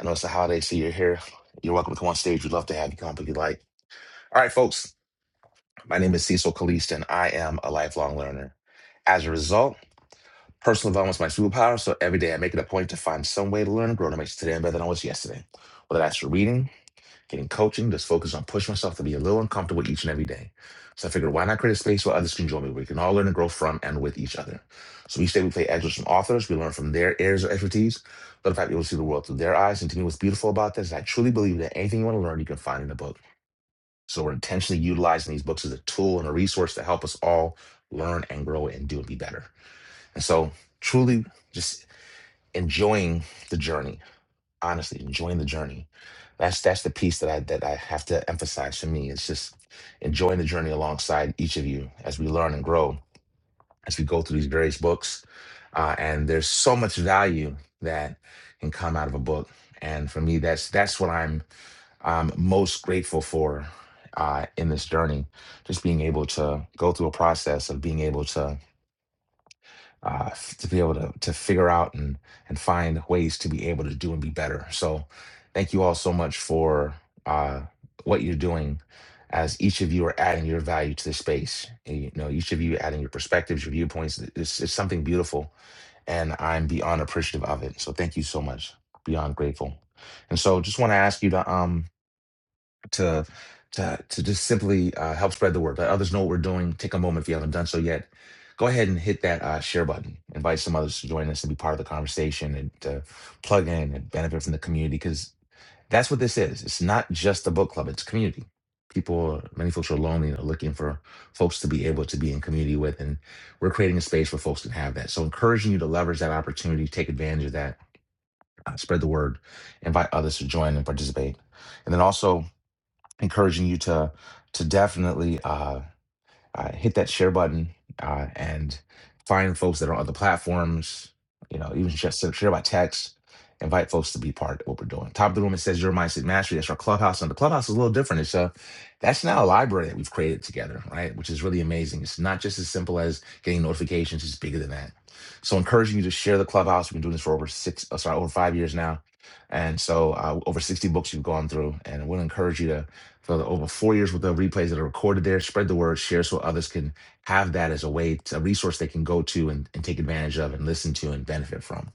Speaker 1: I know it's the holiday, so you're here. You're welcome to come on stage. We'd love to have you come up if you'd like. All right, folks. My name is Cecil Kalist, and I am a lifelong learner. As a result, personal development is my superpower, so every day I make it a point to find some way to learn and grow to make today better than I was yesterday. Whether that's through reading, getting coaching that's focused on pushing myself to be a little uncomfortable each and every day. So I figured, why not create a space where others can join me, where we can all learn and grow from and with each other. So each day we play ads with some authors, we learn from their areas of expertise, but in fact, you will see the world through their eyes. And to me, what's beautiful about this is I truly believe that anything you want to learn, you can find in a book. So we're intentionally utilizing these books as a tool and a resource to help us all learn and grow and do and be better. And so truly just enjoying the journey honestly enjoying the journey. That's that's the piece that I that I have to emphasize for me. It's just enjoying the journey alongside each of you as we learn and grow, as we go through these various books. Uh, and there's so much value that can come out of a book. And for me, that's that's what I'm um, most grateful for uh, in this journey. Just being able to go through a process of being able to uh, f- to be able to to figure out and and find ways to be able to do and be better. So, thank you all so much for uh, what you're doing, as each of you are adding your value to the space. And, You know, each of you adding your perspectives, your viewpoints. It's, it's something beautiful, and I'm beyond appreciative of it. So, thank you so much. Beyond grateful. And so, just want to ask you to um to to to just simply uh, help spread the word. Let others know what we're doing. Take a moment if you haven't done so yet. Go ahead and hit that uh, share button. Invite some others to join us and be part of the conversation and to plug in and benefit from the community because that's what this is. It's not just a book club; it's community. People, many folks are lonely and are looking for folks to be able to be in community with, and we're creating a space where folks can have that. So, encouraging you to leverage that opportunity, take advantage of that, uh, spread the word, invite others to join and participate. And then also encouraging you to to definitely uh, uh, hit that share button uh, and find folks that are on other platforms. You know, even just share share by text. Invite folks to be part of what we're doing. Top of the room, it says your mindset mastery. That's our clubhouse, and the clubhouse is a little different. It's a that's now a library that we've created together, right? Which is really amazing. It's not just as simple as getting notifications; it's bigger than that. So, encouraging you to share the clubhouse. We've been doing this for over six, uh, sorry, over five years now, and so uh, over sixty books you've gone through. And we'll encourage you to for the- over four years worth of replays that are recorded there. Spread the word, share so others can have that as a way, to, a resource they can go to and, and take advantage of and listen to and benefit from.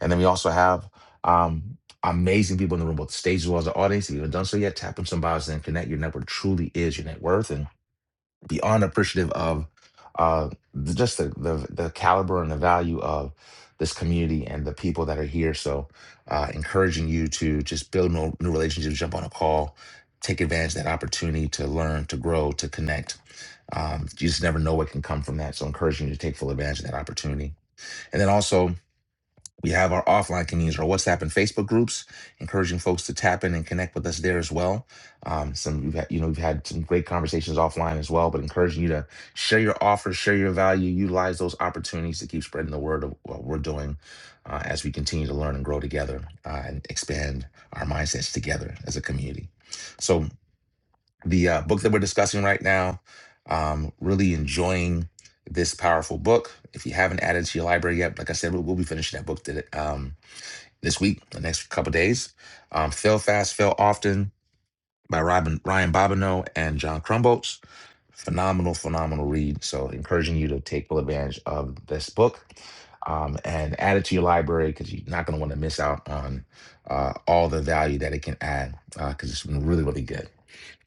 Speaker 1: And then we also have um, amazing people in the room, both the stage as well as the audience. If you haven't done so yet, tap on some bios and connect. Your network truly is your net worth. and beyond appreciative of uh, th- just the, the the caliber and the value of this community and the people that are here. So, uh, encouraging you to just build new, new relationships, jump on a call, take advantage of that opportunity to learn, to grow, to connect. Um, you just never know what can come from that. So, encouraging you to take full advantage of that opportunity. And then also, we have our offline communities, our WhatsApp and Facebook groups, encouraging folks to tap in and connect with us there as well. Um, some we've had, you know, we've had some great conversations offline as well, but encouraging you to share your offers, share your value, utilize those opportunities to keep spreading the word of what we're doing uh, as we continue to learn and grow together uh, and expand our mindsets together as a community. So the uh, book that we're discussing right now, um, really enjoying this powerful book. If you haven't added it to your library yet, like I said, we'll, we'll be finishing that book today. Um, this week, the next couple days. Um, Fail Fast, Fail Often by Ryan Ryan Bobineau and John Crumbolts. Phenomenal, phenomenal read. So, encouraging you to take full advantage of this book um, and add it to your library because you're not going to want to miss out on uh, all the value that it can add because uh, it's been really, really good.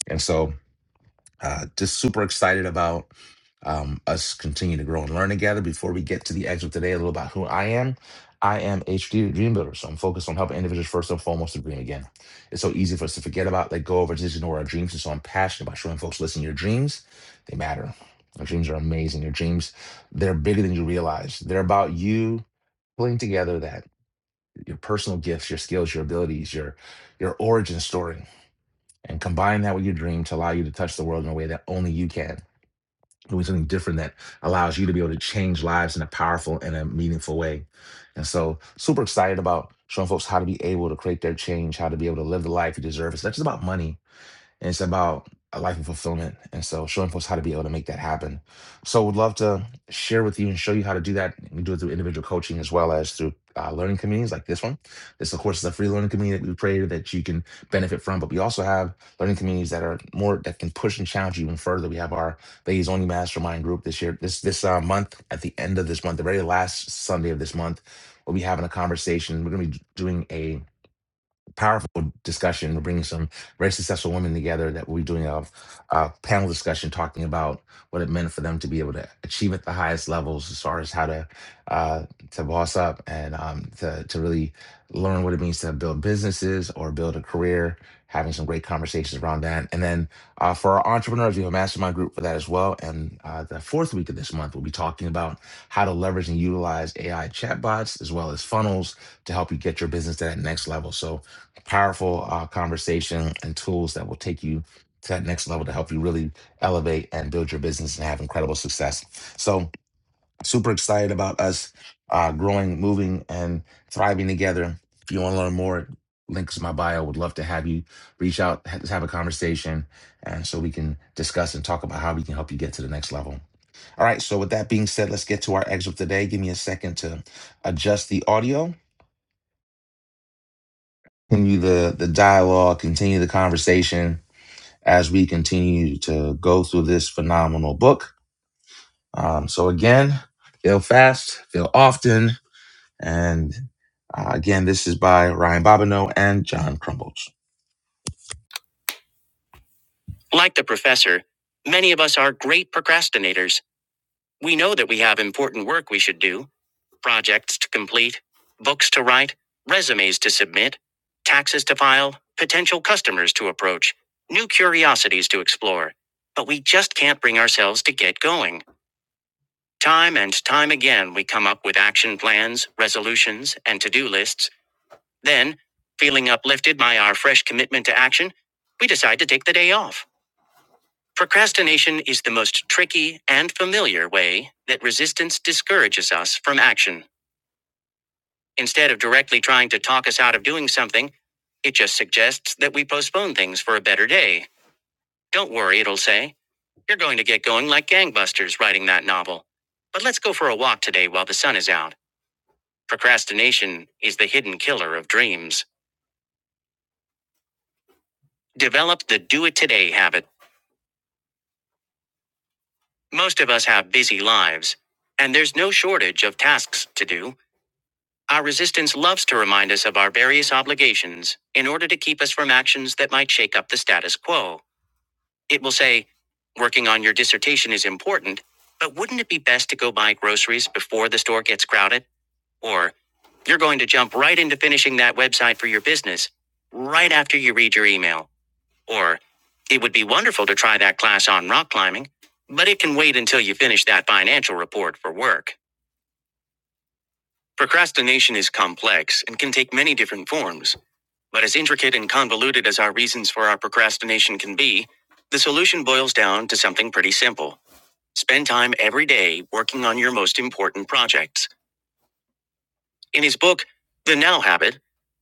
Speaker 1: And so, uh, just super excited about um, us continue to grow and learn together. Before we get to the exit today, a little about who I am. I am HD the Dream Builder, so I'm focused on helping individuals first and foremost to dream again. It's so easy for us to forget about, let go of, or just ignore our dreams. And so I'm passionate about showing folks, listen, your dreams, they matter. Your dreams are amazing. Your dreams, they're bigger than you realize. They're about you pulling together that your personal gifts, your skills, your abilities, your your origin story, and combine that with your dream to allow you to touch the world in a way that only you can doing something different that allows you to be able to change lives in a powerful and a meaningful way. And so, super excited about showing folks how to be able to create their change, how to be able to live the life you deserve. It's not just about money, and it's about a life of fulfillment. And so showing folks how to be able to make that happen. So would love to share with you and show you how to do that. We do it through individual coaching as well as through uh, learning communities like this one. This, of course, is a free learning community that we created that you can benefit from. But we also have learning communities that are more that can push and challenge you even further. We have our Ladies Only Mastermind group this year, this this uh, month, at the end of this month, the very last Sunday of this month, we'll be having a conversation. We're going to be doing a powerful discussion. We're bringing some very successful women together that we're doing a, a panel discussion talking about what it meant for them to be able to achieve at the highest levels as far as how to uh, to boss up and um, to, to really learn what it means to build businesses or build a career. Having some great conversations around that. And then uh, for our entrepreneurs, we have a mastermind group for that as well. And uh, the fourth week of this month, we'll be talking about how to leverage and utilize AI chatbots as well as funnels to help you get your business to that next level. So powerful uh, conversation and tools that will take you to that next level to help you really elevate and build your business and have incredible success. So, super excited about us uh, growing, moving, and thriving together. If you want to learn more, links in my bio. Would love to have you reach out, ha- have a conversation, and so we can discuss and talk about how we can help you get to the next level. All right. So, with that being said, let's get to our excerpt today. Give me a second to adjust the audio, continue the the dialogue, continue the conversation as we continue to go through this phenomenal book. Um, so, again, feel fast, feel often. And uh, again, this is by Ryan Bobineau and John Crumbles. Like the professor, many of us are great procrastinators. We know that we have important work we should do, projects to complete, books to write, resumes to submit, taxes to file, potential customers to approach, new curiosities to explore. But we just can't bring ourselves to get going. Time and time again, we come up with action plans, resolutions, and to do lists. Then, feeling uplifted by our fresh commitment to action, we decide to take the day off. Procrastination is the most tricky and familiar way that resistance discourages us from action. Instead of directly trying to talk us out of doing something, it just suggests that we postpone things for a better day. Don't worry, it'll say. You're going to get going like gangbusters writing that novel. But let's go for a walk today while the sun is out. Procrastination is the hidden killer of dreams. Develop the do it today habit. Most of us have busy lives, and there's no shortage of tasks to do. Our resistance loves to remind us of our various obligations in order to keep us from actions that might shake up the status quo. It will say, Working on your dissertation is important, but wouldn't it be best to go buy groceries before the store gets crowded? Or, You're going to jump right into finishing that website for your business right after you read your email. Or, it would be wonderful to try that class on rock climbing, but it can wait until you finish that financial report for work. Procrastination is complex and can take many different forms, but as intricate and convoluted as our reasons for our procrastination can be, the solution boils down to something pretty simple. Spend time every day working on your most important projects. In his book, The Now Habit,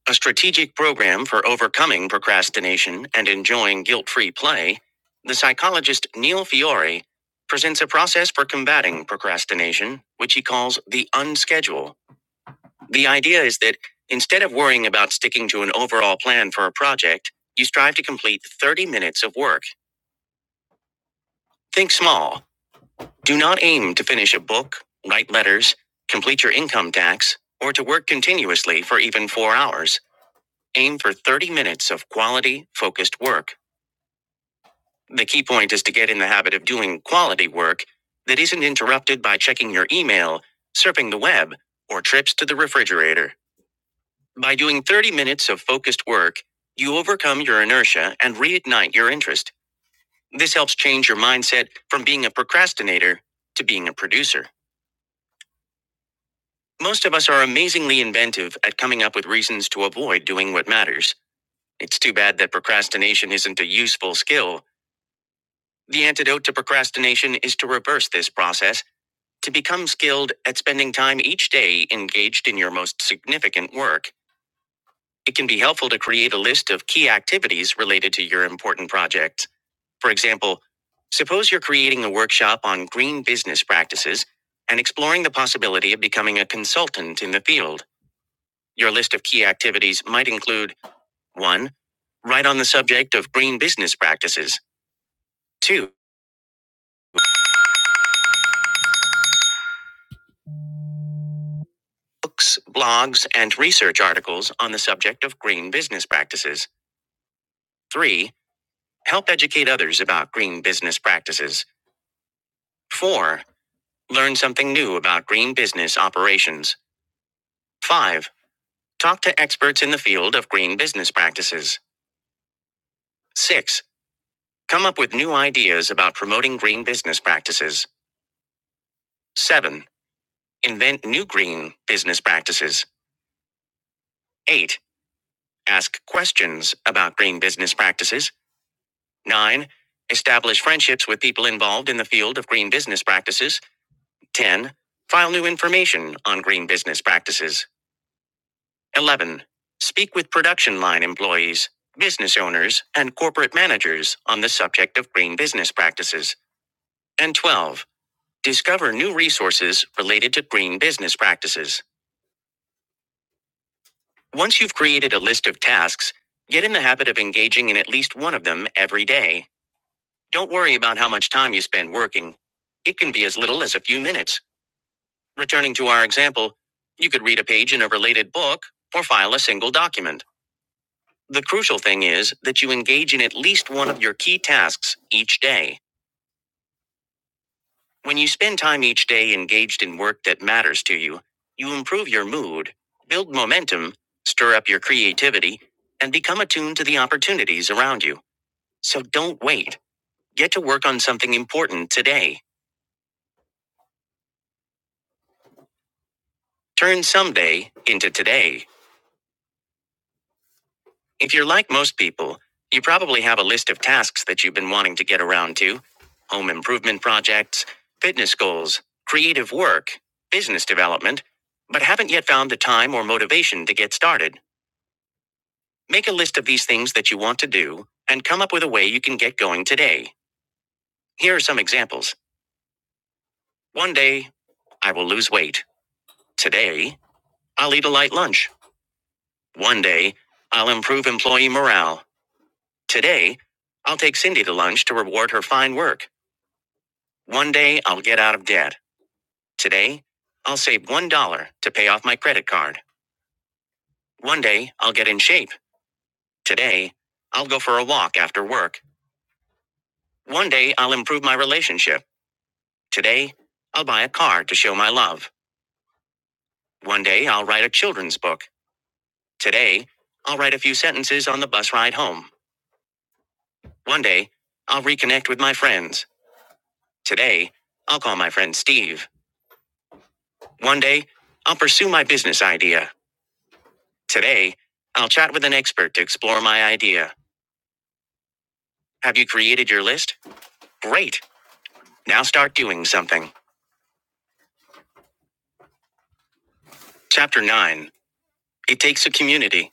Speaker 1: a strategic program for overcoming procrastination and enjoying guilt free play, the psychologist Neil Fiore presents a process for combating procrastination, which he calls the unschedule. The idea is that instead of worrying about sticking to an overall plan for a project, you strive to complete 30 minutes of work. Think small. Do not aim to finish a book, write letters, complete your income tax, or to work continuously for even four hours. Aim for 30 minutes of quality, focused work. The key point is to get in the habit of doing quality work that isn't interrupted by checking your email, surfing the web, or trips to the refrigerator. By doing 30 minutes of focused work, you overcome your inertia and reignite your interest. This helps change your mindset from being a procrastinator to being a producer. Most of us are amazingly inventive at coming up with reasons to avoid doing what matters. It's too bad that procrastination isn't a useful skill The antidote to procrastination is to reverse this process, to become skilled at spending time each day engaged in your most significant work. It can be helpful to create a list of key activities related to your important projects. For example, suppose you're creating a workshop on green business practices and exploring the possibility of becoming a consultant in the field. Your list of key activities might include 1. Write on the subject of green business practices. 2. books, blogs, and research articles on the subject of green business practices. 3. Help educate others about green business practices. 4. Learn something new about green business operations. 5. Talk to experts in the field of green business practices. 6. Come up with new ideas about promoting green business practices. 7. Invent new green business practices. 8. Ask questions about green business practices 9. Establish friendships with people involved in the field of green business practices. 10. File new information on green business practices. 11. Speak with production line employees, business owners, and corporate managers on the subject of green business practices. And 12. Discover new resources related to green business practices. Once you've created a list of tasks, get in the habit of engaging in at least one of them every day Don't worry about how much time you spend working. It can be as little as a few minutes. Returning to our example, you could read a page in a related book or file a single document. The crucial thing is that you engage in at least one of your key tasks each day. When you spend time each day engaged in work that matters to you, you improve your mood, build momentum, stir up your creativity, and become attuned to the opportunities around you. So don't wait. Get to work on something important today. Turn someday into today. If you're like most people, you probably have a list of tasks that you've been wanting to get around to home improvement projects, fitness goals, creative work, business development, but haven't yet found the time or motivation to get started. Make a list of these things that you want to do and come up with a way you can get going today. Here are some examples. One day, I will lose weight. Today, I'll eat a light lunch. One day, I'll improve employee morale. Today, I'll take Cindy to lunch to reward her fine work. One day, I'll get out of debt. Today, I'll save $1 to pay off my credit card. One day, I'll get in shape. Today, I'll go for a walk after work. One day, I'll improve my relationship. Today, I'll buy a car to show my love. One day, I'll write a children's book. Today, I'll write a few sentences on the bus ride home. One day, I'll reconnect with my friends. Today, I'll call my friend Steve. One day, I'll pursue my business idea. Today, I'll chat with an expert to explore my idea. Have you created your list? Great. Now start doing something. Chapter 9 It Takes a Community.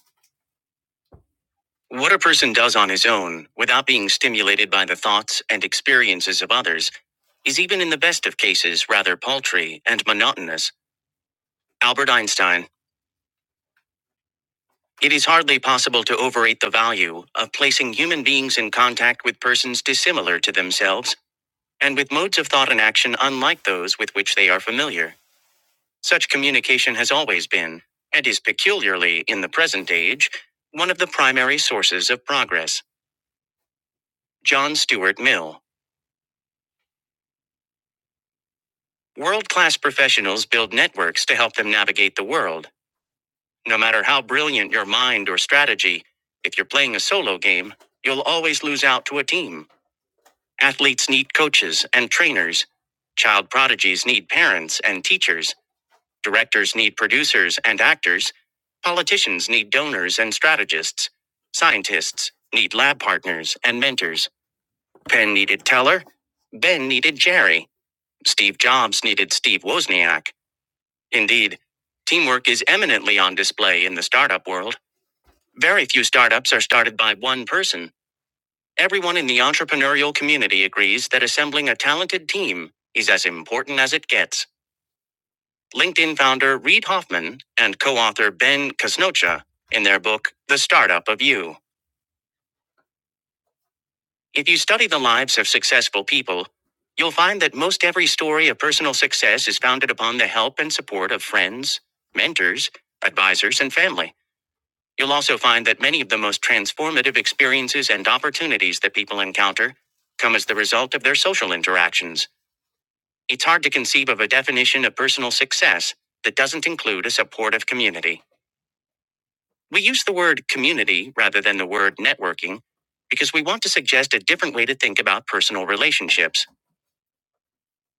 Speaker 1: What a person does on his own, without being stimulated by the thoughts and experiences of others, is even in the best of cases rather paltry and monotonous. Albert Einstein. It is hardly possible to overrate the value of placing human beings in contact with persons dissimilar to themselves and with modes of thought and action unlike those with which they are familiar. Such communication has always been, and is peculiarly in the present age, one of the primary sources of progress. John Stuart Mill. World class professionals build networks to help them navigate the world. No matter how brilliant your mind or strategy, if you're playing a solo game, you'll always lose out to a team. Athletes need coaches and trainers. Child prodigies need parents and teachers. Directors need producers and actors. Politicians need donors and strategists. Scientists need lab partners and mentors. Penn needed Teller. Ben needed Jerry. Steve Jobs needed Steve Wozniak. Indeed, teamwork is eminently on display in the startup world. Very few startups are started by one person. Everyone in the entrepreneurial community agrees that assembling a talented team is as important as it gets. LinkedIn founder Reid Hoffman and co author Ben Kasnocha in their book, The Startup of You. If you study the lives of successful people, you'll find that most every story of personal success is founded upon the help and support of friends, mentors, advisors, and family. You'll also find that many of the most transformative experiences and opportunities that people encounter come as the result of their social interactions. It's hard to conceive of a definition of personal success that doesn't include a supportive community. We use the word community rather than the word networking because we want to suggest a different way to think about personal relationships.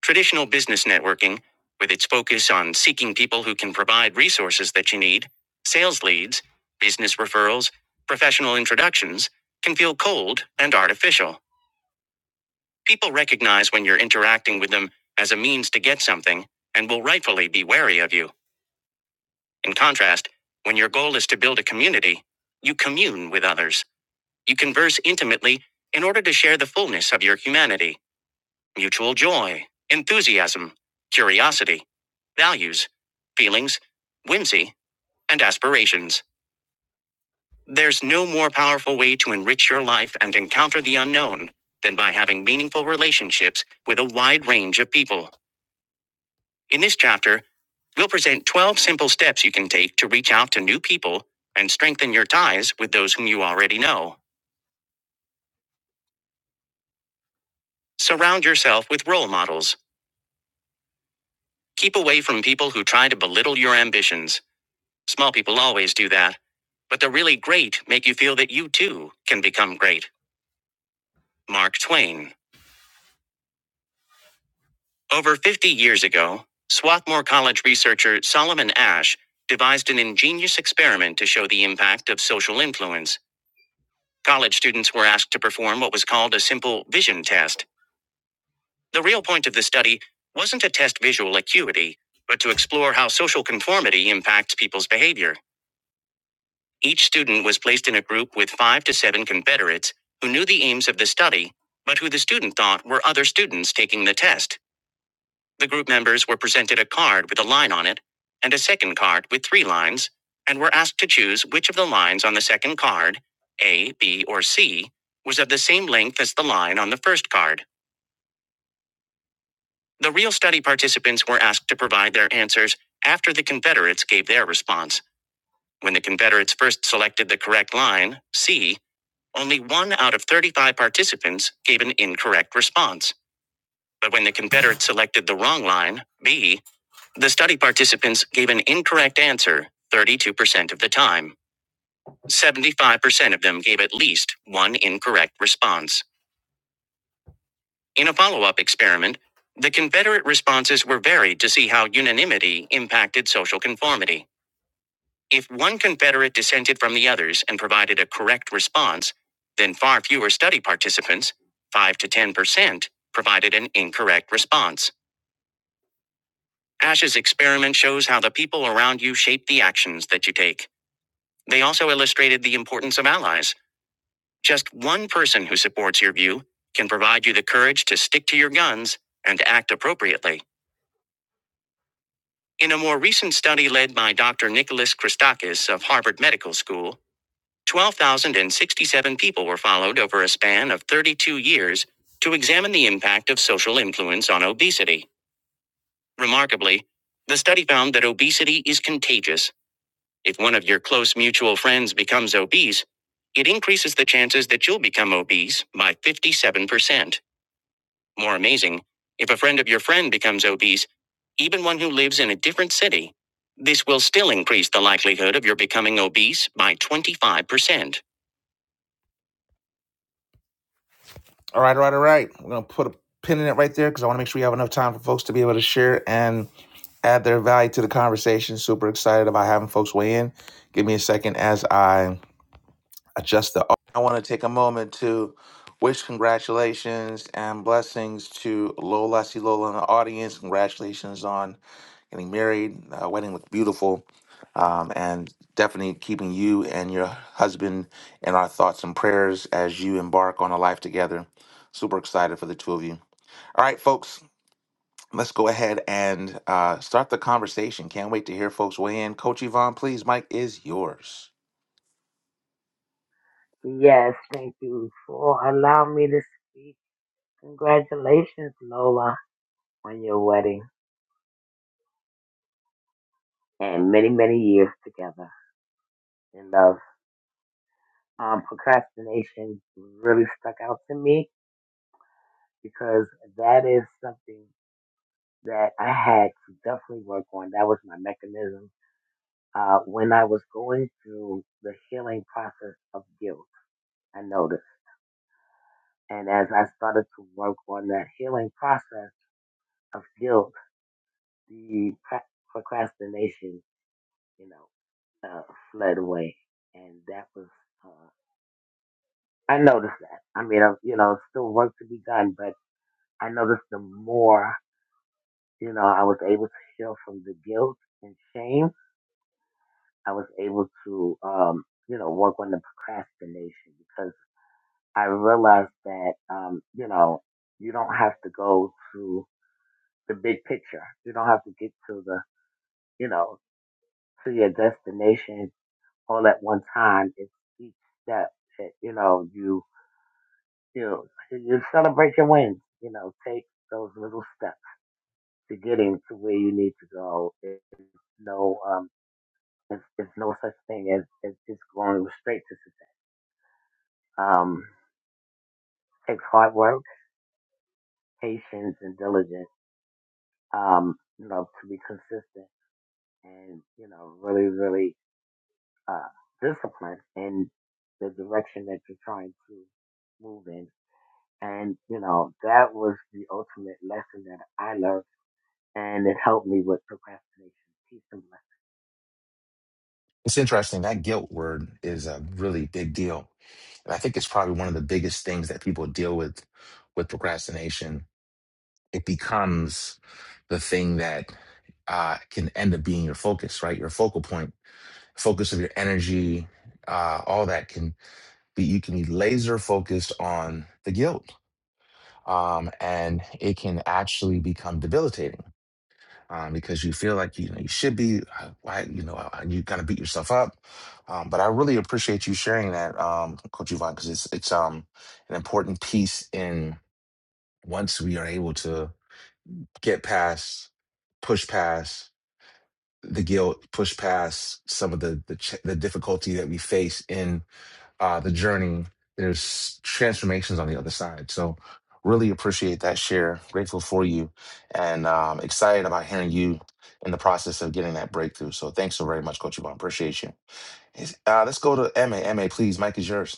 Speaker 1: Traditional business networking, with its focus on seeking people who can provide resources that you need, sales leads, business referrals, professional introductions, can feel cold and artificial. People recognize when you're interacting with them as a means to get something and will rightfully be wary of you. In contrast, when your goal is to build a community, you commune with others. You converse intimately in order to share the fullness of your humanity, mutual joy, enthusiasm, curiosity, values, feelings, whimsy, and aspirations. There's no more powerful way to enrich your life and encounter the unknown than by having meaningful relationships with a wide range of people. In this chapter, we'll present 12 simple steps you can take to reach out to new people and strengthen your ties with those whom you already know. Surround yourself with role models. Keep away from people who try to belittle your ambitions. Small people always do that. But the really great make you feel that you too can become great. Mark Twain. Over 50 years ago, Swarthmore College researcher Solomon Ash devised an ingenious experiment to show the impact of social influence. College students were asked to perform what was called a simple vision test. The real point of the study wasn't to test visual acuity, but to explore how social conformity impacts people's behavior. Each student was placed in a group with five to seven Confederates who knew the aims of the study, but who the student thought were other students taking the test. The group members were presented a card with a line on it and a second card with three lines, and were asked to choose which of the lines on the second card, A, B, or C, was of the same length as the line on the first card. The real study participants were asked to provide their answers after the Confederates gave their response. When the Confederates first selected the correct line, C, Only one out of 35 participants gave an incorrect response. But when the Confederates selected the wrong line, B, the study participants gave an incorrect answer 32% of the time. 75% of them gave at least one incorrect response. In a follow up experiment, the Confederate responses were varied to see how unanimity impacted social conformity. If one Confederate dissented from the others and provided a correct response, then far fewer study participants, 5 to 10%, provided an incorrect response. Ash's experiment shows how the people around you shape the actions that you take. They also illustrated the importance of allies. Just one person who supports your view can provide you the courage to stick to your guns and act appropriately. In a more recent study led by Dr. Nicholas Christakis of Harvard Medical School, 12,067 people were followed over a span of 32 years to examine the impact of social influence on obesity. Remarkably, the study found that obesity is contagious. If one of your close mutual friends becomes obese, it increases the chances that you'll become obese by 57%. More amazing, if a friend of your friend becomes obese, even one who lives in a different city, this will still increase the likelihood of your becoming obese by 25%. All right, all right, all right. We're going to put a pin in it right there because I want to make sure we have enough time for folks to be able to share and add their value to the conversation. Super excited about having folks weigh in. Give me a second as I adjust the. I want to take a moment to wish congratulations and blessings to Lola. I see Lola in the audience. Congratulations on getting married. Uh, wedding looked beautiful. Um, and definitely keeping you and your husband in our thoughts and prayers as you embark on a life together. Super excited for the two of you. All right, folks, let's go ahead and uh, start the conversation. Can't wait to hear folks weigh in. Coach Yvonne, please, Mike is yours.
Speaker 10: Yes, thank you for allowing me to speak. Congratulations, Lola. on your wedding and many, many years together in love. Um, procrastination really stuck out to me because that is something that I had to definitely work on. That was my mechanism. Uh, when I was going through the healing process of guilt, I noticed. And as I started to work on that healing process of guilt, the pra- procrastination, you know, uh, fled away. And that was uh, I noticed that. I mean, I, you know, still work to be done, but I noticed the more, you know, I was able to heal from the guilt and shame, I was able to, um, you know, work on the procrastination because I realized that, um, you know, you don't have to go to the big picture. You don't have to get to the, you know, to your destination all at one time. It's each step that, you know, you, you, you celebrate your wins, you know, take those little steps to getting to where you need to go. There's no um, there's, there's no such thing as, as just going straight to success. Um, it takes hard work, patience, and diligence. Um, you know, to be consistent and you know, really, really uh, disciplined in the direction that you're trying to move in. And you know, that was the ultimate lesson that I learned, and it helped me with procrastination. Peace and
Speaker 1: It's interesting. That guilt word is a really big deal. And I think it's probably one of the biggest things that people deal with with procrastination. It becomes the thing that uh, can end up being your focus, right? Your focal point, focus of your energy, uh, all that can be, you can be laser focused on the guilt. Um, and it can actually become debilitating um, because you feel like you know you should be. uh, Why you know uh, you kind of beat yourself up. Um, but I really appreciate you sharing that, um, Coach Yvonne, because it's it's um an important piece in once we are able to get past, push past the guilt, push past some of the the, ch- the difficulty that we face in uh, the journey, there's transformations on the other side. So, really appreciate that share. Grateful for you, and um, excited about hearing you in the process of getting that breakthrough. So, thanks so very much, Coach Yvonne. Appreciate you. Is- Uh, let's go to M A. M A, please. Mike is yours.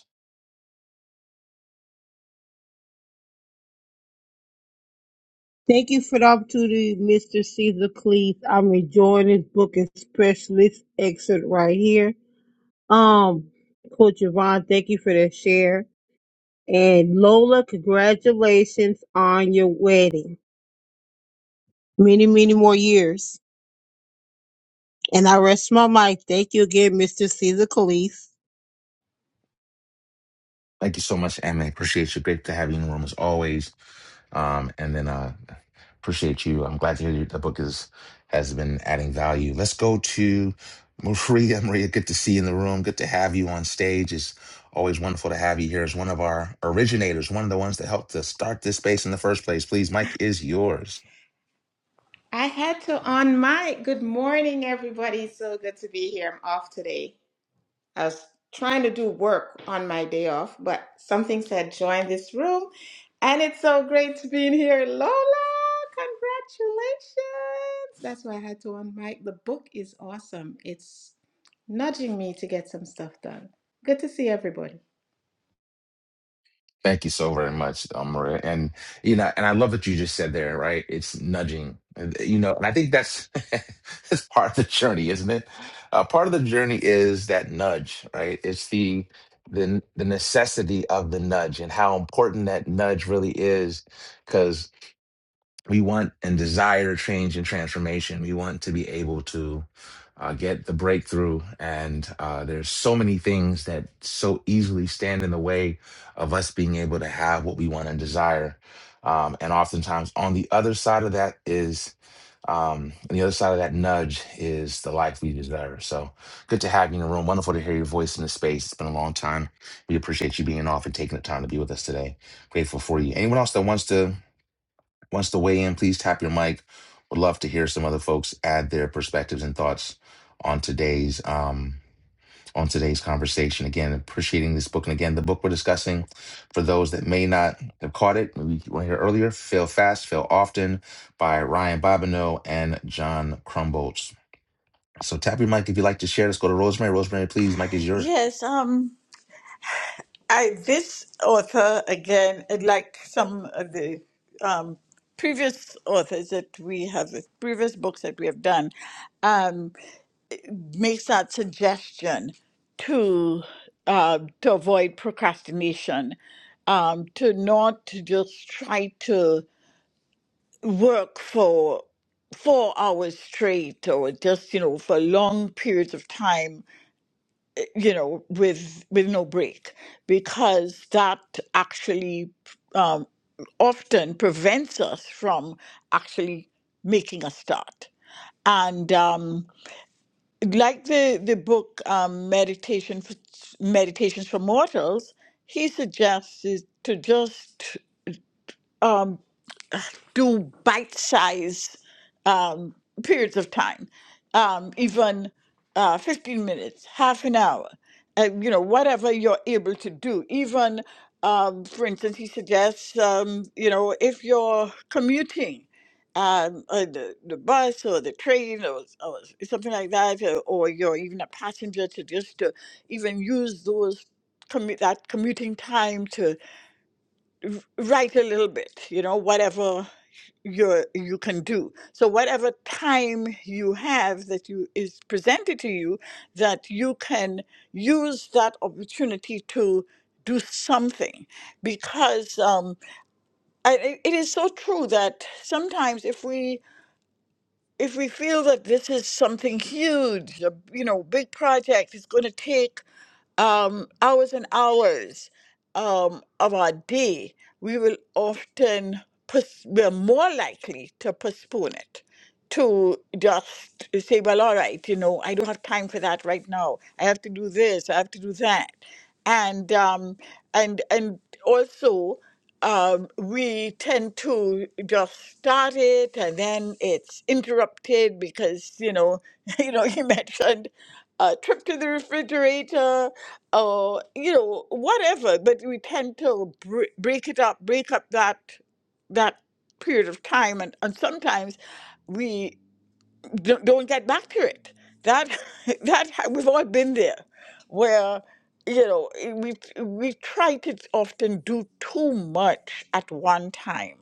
Speaker 3: Thank you for the opportunity, Mr. Caesar Cleese. I'm enjoying this book, especially this excerpt right here. Um, Coach Yvonne, thank you for the share. And Lola, congratulations on your wedding. many, many more years. And I rest my mic. Thank you again, Mr. Caesar Calise.
Speaker 1: Thank you so much, Emma. Appreciate you. Great to have you in the room as always. Um, and then uh, appreciate you. I'm glad to hear you. the book is has been adding value. Let's go to Maria. Maria, good to see you in the room. Good to have you on stage. It's always wonderful to have you here as one of our originators, one of the ones that helped to start this space in the first place. Please, Mike is yours.
Speaker 11: I had to on my good morning, everybody. It's So good to be here. I'm off today. I was trying to do work on my day off, but something said join this room, and it's so great to be in here. Lola, congratulations! That's why I had to on mic. The book is awesome. It's nudging me to get some stuff done. Good to see everybody.
Speaker 1: Thank you so very much, um, Maria. And you know, and I love what you just said there, right? It's nudging, And, uh, you know, and I think that's that's part of the journey, isn't it? Uh, part of the journey is that nudge, right? It's the the the necessity of the nudge and how important that nudge really is, we want and desire change and transformation. We want to be able to uh, get the breakthrough. And uh, there's so many things that so easily stand in the way of us being able to have what we want and desire. Um, and oftentimes, on the other side of that is, um, on the other side of that nudge is the life we desire. So good to have you in the room. Wonderful to hear your voice in the space. It's been a long time. We appreciate you being off and taking the time to be with us today. Grateful for you. Anyone else that wants to? wants to weigh in, please tap your mic. Would love to hear some other folks add their perspectives and thoughts on today's um, on today's conversation. Again, appreciating this book, and again, the book we're discussing. For those that may not have caught it, we were here earlier. Fail fast, fail often, by Ryan Bobineau and John Crumbolts. So tap your mic if you'd like to share. Let's go to Rosemary. Rosemary, please, mic is yours.
Speaker 6: Yes. Um. I this author again, like some of the um, previous authors that we have, previous books that we have done, um, makes that suggestion to uh, to avoid procrastination, um, to not to just try to work for four hours straight or just you know for long periods of time you know, with with no break, because that actually um, often prevents us from actually making a start. And um, like the the book um, Meditation for, Meditations for Mortals, he suggests is to just um, do bite sized um, periods of time, um, even uh, 15 minutes, half an hour, uh, you know, whatever you're able to do. Even, um, for instance, he suggests, um, you know, if you're commuting, um, uh, the, the bus or the train or, or something like that, or, or you're even a passenger to just to even use those commu- that commuting time to write a little bit, you know, whatever you you can do. So whatever time you have that you is presented to you, that you can use that opportunity to do something, because um, I, I- it is so true that sometimes if we if we feel that this is something huge, a, you know, big project, it's going to take um, hours and hours um, of our day, we will often, pos- we're more likely to postpone it, to just say, well, all right, you know, I don't have time for that right now. I have to do this, I have to do that. And, um, and, and also, um, we tend to just start it and then it's interrupted because, you know, you know, you mentioned a trip to the refrigerator or you know whatever but we tend to br- break it up break up that that period of time and, and sometimes we don't, don't get back to it that that ha- we've all been there where you know eh, we we try to often do too much at one time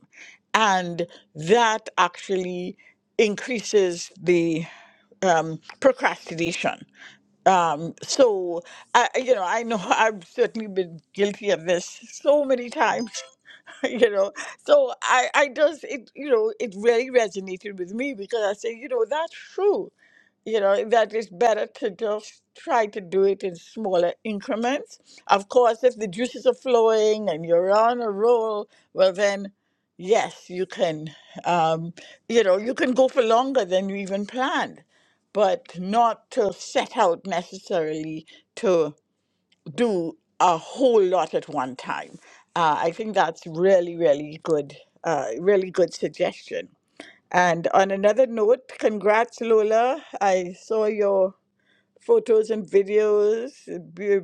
Speaker 6: and that actually increases the um, procrastination um, so I, I- you know, I know I've certainly been guilty of this so many times, you know. So I, I just, it, you know, it really resonated with me because I say, you know, that's true you know that it's better to just try to do it in smaller increments of course if the juices are flowing and you're on a roll well then yes you can um, you know you can go for longer than you even planned but not to set out necessarily to do a whole lot at one time uh, i think that's really really good uh, really good suggestion and on another note, congrats, Lola. I saw your photos and videos. A beau-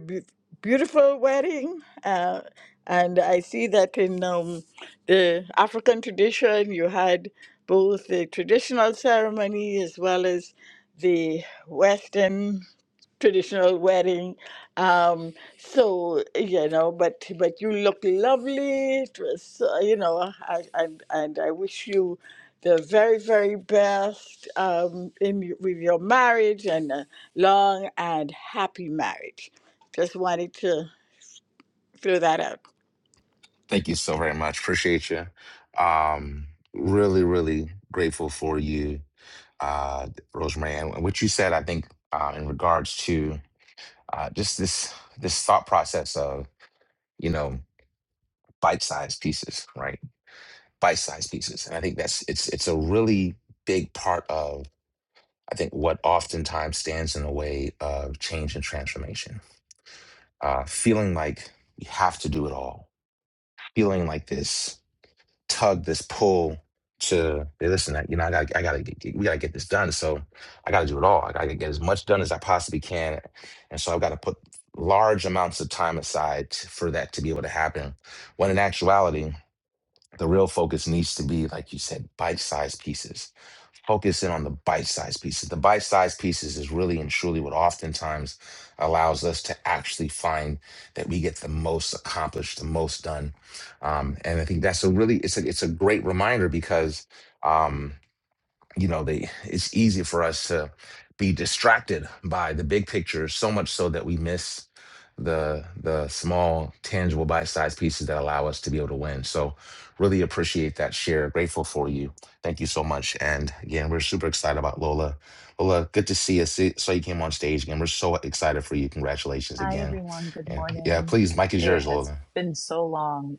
Speaker 6: beautiful wedding. Uh, and I see that in um, the African tradition, you had both the traditional ceremony as well as the Western traditional wedding. Um, so you know, but but you look lovely. It was, uh, you know, I, and and I wish you the very very best um, in y- with your marriage and a long and happy marriage. Just wanted to throw that out.
Speaker 1: Thank you so very much. Appreciate you. Um, really, really grateful for you uh, Rosemary, and what you said, I think, uh, in regards to uh, just this this thought process of you know bite-sized pieces, right? Bite-sized pieces, and I think that's it's it's a really big part of I think what oftentimes stands in the way of change and transformation. Uh, feeling like you have to do it all, feeling like this. tug, this pull to hey, listen. I, you know, I got, I got to, we got to get this done. So I got to do it all. I got to get as much done as I possibly can, and so I've got to put large amounts of time aside t- for that to be able to happen. When in actuality, the real focus needs to be, like you said, bite-sized pieces. Focus in on the bite-sized pieces. The bite-sized pieces is really and truly what oftentimes allows us to actually find that we get the most accomplished, the most done. Um, and I think that's a really it's a it's a great reminder because um, you know they it's easy for us to be distracted by the big picture so much so that we miss the the small tangible bite-sized pieces that allow us to be able to win so really appreciate that share grateful for you thank you so much and again we're super excited about lola lola good to see you see, so you came on stage again we're so excited for you congratulations
Speaker 12: Hi,
Speaker 1: again
Speaker 12: everyone. Good
Speaker 1: and yeah
Speaker 12: morning.
Speaker 1: please mike is
Speaker 12: It
Speaker 1: yours
Speaker 12: has
Speaker 1: lola
Speaker 12: been so long.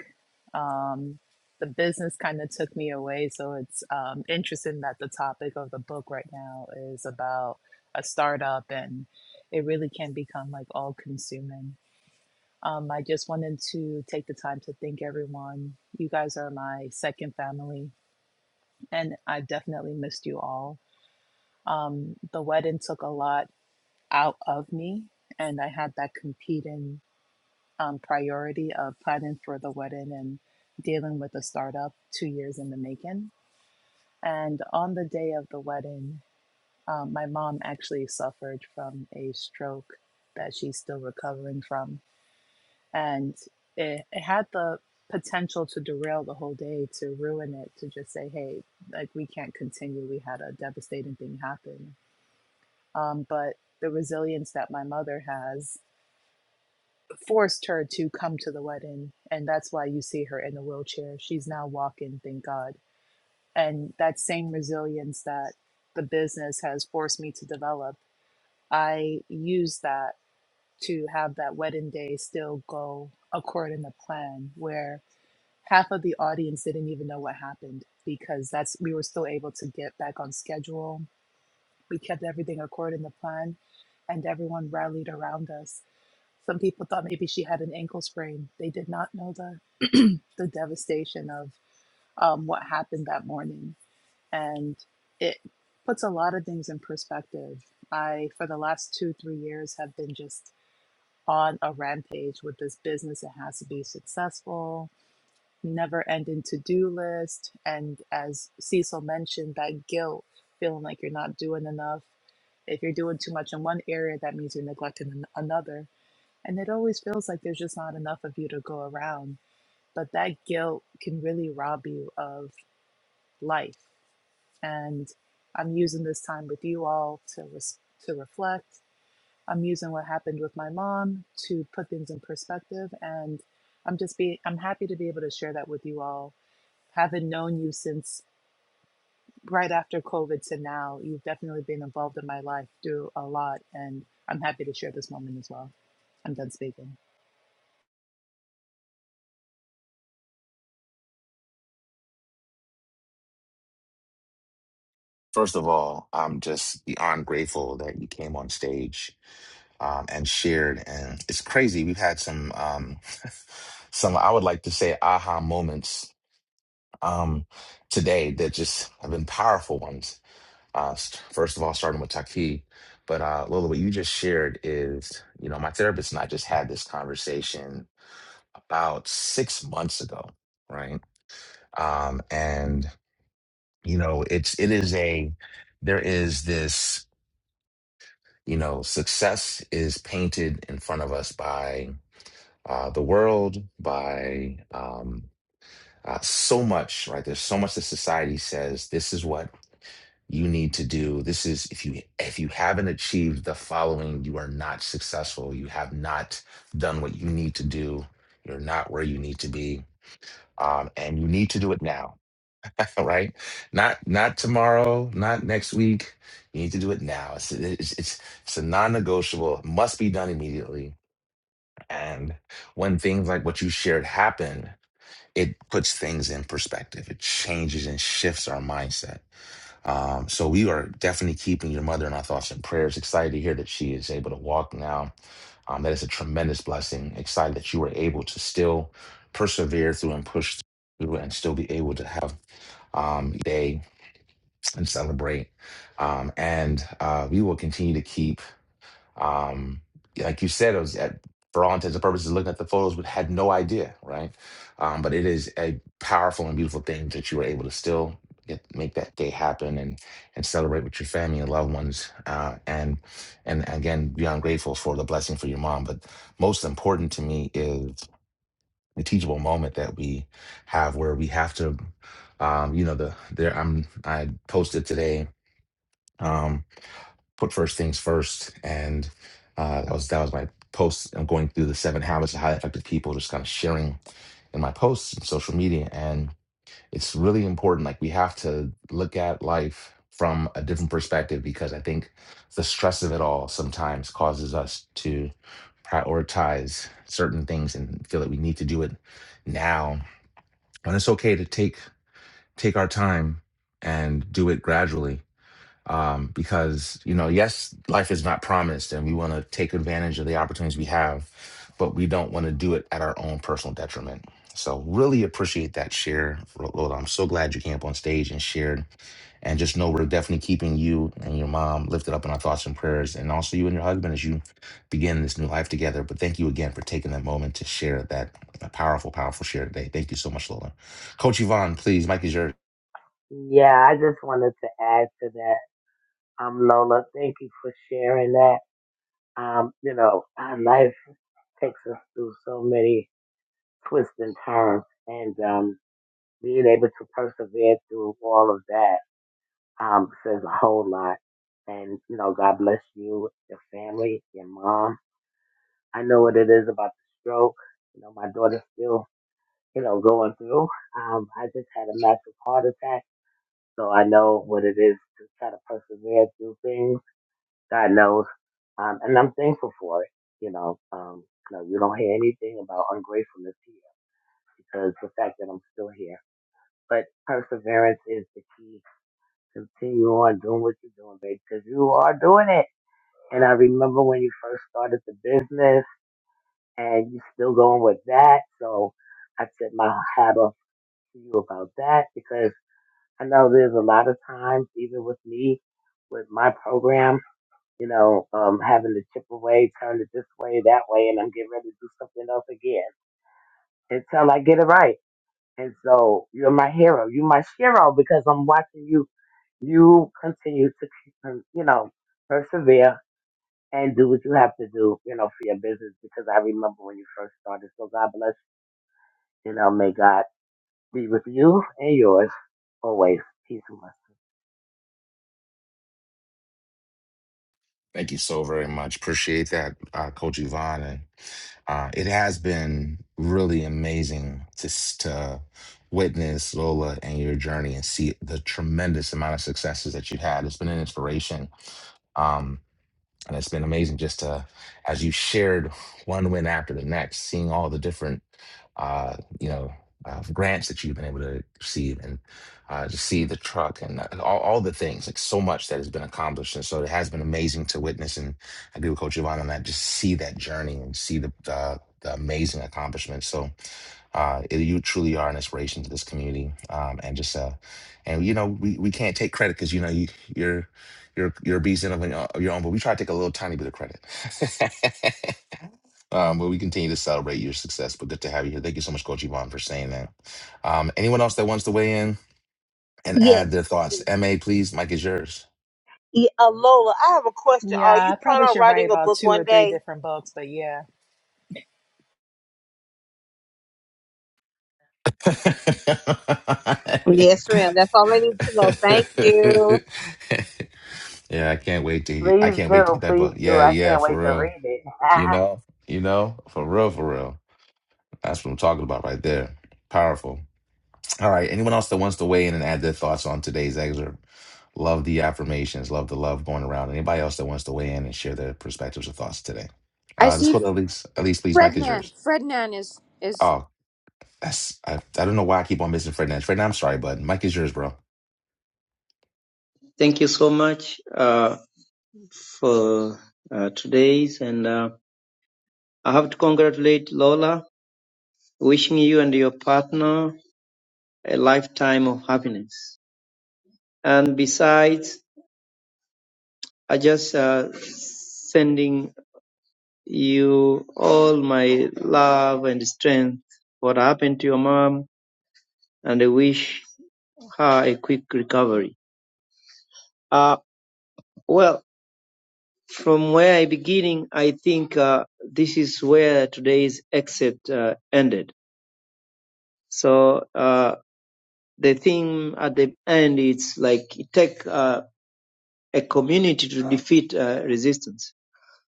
Speaker 12: Um, the business kind of took me away. So it's um, interesting that the topic of the book right now is about a startup and it really can become like all consuming. Um, I just wanted to take the time to thank everyone. You guys are my second family, and I definitely missed you all. Um, the wedding took a lot out of me, and I had that competing. um, priority of planning for the wedding and dealing with the startup two years in the making. And on the day of the wedding, um, my mom actually suffered from a stroke that she's still recovering from. And it, it had the potential to derail the whole day, to ruin it, to just say, hey, like we can't continue. We had a devastating thing happen. Um, but the resilience that my mother has forced her to come to the wedding and that's why you see her in the wheelchair she's now walking thank god and that same resilience that the business has forced me to develop i use that to have that wedding day still go according to plan where half of the audience didn't even know what happened because that's we were still able to get back on schedule we kept everything according to plan and everyone rallied around us some people thought maybe she had an ankle sprain. They did not know the, the devastation of um, what happened that morning. And it puts a lot of things in perspective. I, for the last two, three years, have been just on a rampage with this business. It has to be successful, never ending to do list. And as Cecil mentioned, that guilt, feeling like you're not doing enough. If you're doing too much in one area, that means you're neglecting an- another and it always feels like there's just not enough of you to go around. But that guilt can really rob you of life. And I'm using this time with you all to, res- to reflect. I'm using what happened with my mom to put things in perspective. And I'm just be I'm happy to be able to share that with you all. Having known you since right after COVID to now, you've definitely been involved in my life through a lot. And I'm happy to share this moment as well. I'm done speaking.
Speaker 1: first of all i'm just beyond grateful that you came on stage um, and shared. And it's crazy. We've had some um, some I would like to say aha moments um, today that just have been powerful ones. Uh, st- first of all, starting with Taki, but uh, Lola, what you just shared is you know my therapist and I just had this conversation about six months ago, right? Um, and you know it's it is a there is this you know success is painted in front of us by. uh, the world, by um, uh, so much, right? There's so much that society says this is what you need to do. This is if you if you haven't achieved the following, you are not successful. You have not done what you need to do. You're not where you need to be, um, and you need to do it now, right? Not not tomorrow, not next week. You need to do it now. It's it's it's, it's a non-negotiable. It Must be done immediately. And when things like what you shared happen, it puts things in perspective. It changes and shifts our mindset. Um, so we are definitely keeping your mother in our thoughts and prayers. Excited to hear that she is able to walk now. Um, that is a tremendous blessing. Excited that you were able to still persevere through and push through and still be able to have um, a day and celebrate. Um, and uh, we will continue to keep um yeah, like you said it was at, for all intents and purposes looking at the photos but had no idea right um but it is a powerful and beautiful thing that you were able to still get make that day happen and and celebrate with your family and loved ones uh and and again beyond grateful for the blessing for your mom but most important to me is the teachable moment that we have where we have to um you know the there i'm i posted today Um, put first things first. And uh, that was that was my post. I'm going through the seven habits of highly effective people, just kind of sharing in my posts and social media. And it's really important. Like we have to look at life from a different perspective because I think the stress of it all sometimes causes us to prioritize certain things and feel that we need to do it now. And it's okay to take take our time and do it gradually um, because you know yes life is not promised and we want to take advantage of the opportunities we have but we don't want to do it at our own personal detriment so really appreciate that share Ro- Lola. i'm so glad you came up on stage and shared and just know we're definitely keeping you and your mom lifted up in our thoughts and prayers and also you and your husband as you begin this new life together but thank you again for taking that moment to share that powerful powerful share today thank you so much lola coach yvonne please mike is yours
Speaker 10: blessings. Yeah, I just wanted to add to that Um, Lola, thank you for sharing that. Um, you know, our life takes us through so many twists and turns, and um, being able to persevere through all of that um, says a whole lot. And you know, God bless you, your family, your mom. I know what it is about the stroke. You know, my daughter's still, you know, going through. Um, I just had a massive heart attack, so I know what it is to try to persevere through things God knows. Um, and I'm thankful for it. You know, um, no, you don't hear anything about ungratefulness here because the fact that I'm still here. But perseverance is the key. Continue on doing what you're doing, babe, because you are doing it. And I remember when you first started the business and you still going with that. So I tip my hat off to you about that because I know there's a lot of times, even with me, with my program, you know, um, having to chip away, turn it this way, that way, and I'm getting ready to do something else again until I get it right. And so you're my hero. You're my hero because I'm watching you. You continue to, keep um, you know, persevere and do what you have to do, you know, for your business because I remember when you first started. So God bless you. You know, may God be with you and yours always. Peace and blessings.
Speaker 1: Thank you so very much. Appreciate that, uh, Coach Yvonne. And uh, it has been really amazing to, s- to witness Lola and your journey and see the tremendous amount of successes that you had. It's been an inspiration. Um, and it's been amazing just to as you shared one win after the next seeing all the different uh you know uh, grants that you've been able to receive and uh, to see the truck and uh, all, all the things like so much that has been accomplished and so it has been amazing to witness and i agree with coach Yvonne on that just see that journey and see the the, the amazing accomplishments so uh, it- you truly are an inspiration to this community um, and just uh, and you know we, we can't take credit because you know you, you're your your bees end up on your your own, but we try to take a little tiny bit of credit. um, but we continue to celebrate your success. But good to have you here. Thank you so much, Coach Yvonne, for saying that. Um, anyone else that wants to weigh in and
Speaker 3: Yes.
Speaker 1: add their thoughts? MA, please, Mike is yours.
Speaker 3: Yeah, uh, Lola, I have a question. Are
Speaker 12: Yeah,
Speaker 3: you
Speaker 12: I
Speaker 3: planning
Speaker 12: probably
Speaker 3: on
Speaker 12: should write
Speaker 3: writing a
Speaker 12: about
Speaker 3: book
Speaker 12: two or
Speaker 3: one
Speaker 12: three
Speaker 3: day?
Speaker 12: different books, but yeah.
Speaker 3: Yes, ma'am. That's all I need to know. Thank you.
Speaker 1: yeah, I can't wait to I
Speaker 10: Please
Speaker 1: can't wait to
Speaker 10: do.
Speaker 1: get that
Speaker 10: Please
Speaker 1: book.
Speaker 10: do.
Speaker 1: Yeah,
Speaker 10: I
Speaker 1: yeah,
Speaker 10: can't wait
Speaker 1: for
Speaker 10: to
Speaker 1: real.
Speaker 10: read it.
Speaker 1: You know, you know, for real, for real. That's what I'm talking about right there. Powerful. All right. Anyone else that wants to weigh in and add their thoughts on today's excerpt? Love the affirmations. Love the love going around. Anybody else that wants to weigh in and share their perspectives or thoughts today?
Speaker 5: I
Speaker 1: Uh, let's
Speaker 5: see
Speaker 1: go to Elise. Elise, please. Mike is
Speaker 5: Frednan.
Speaker 1: yours.
Speaker 5: Frednan is is
Speaker 1: Oh, that's, I, I don't know why I keep on missing Fred Fred, I'm sorry, bud. Mike is yours, bro.
Speaker 13: Thank you so much uh, for uh, today's, and uh, I have to congratulate Lola, wishing you and your partner a lifetime of happiness. And besides, I just uh, sending you all my love and strength. What happened to your mom, and I wish her a quick recovery. Uh, well, from where I beginning, I think uh, this is where today's excerpt uh, ended So uh, the theme at the end it's like it take uh, a community to defeat uh, resistance.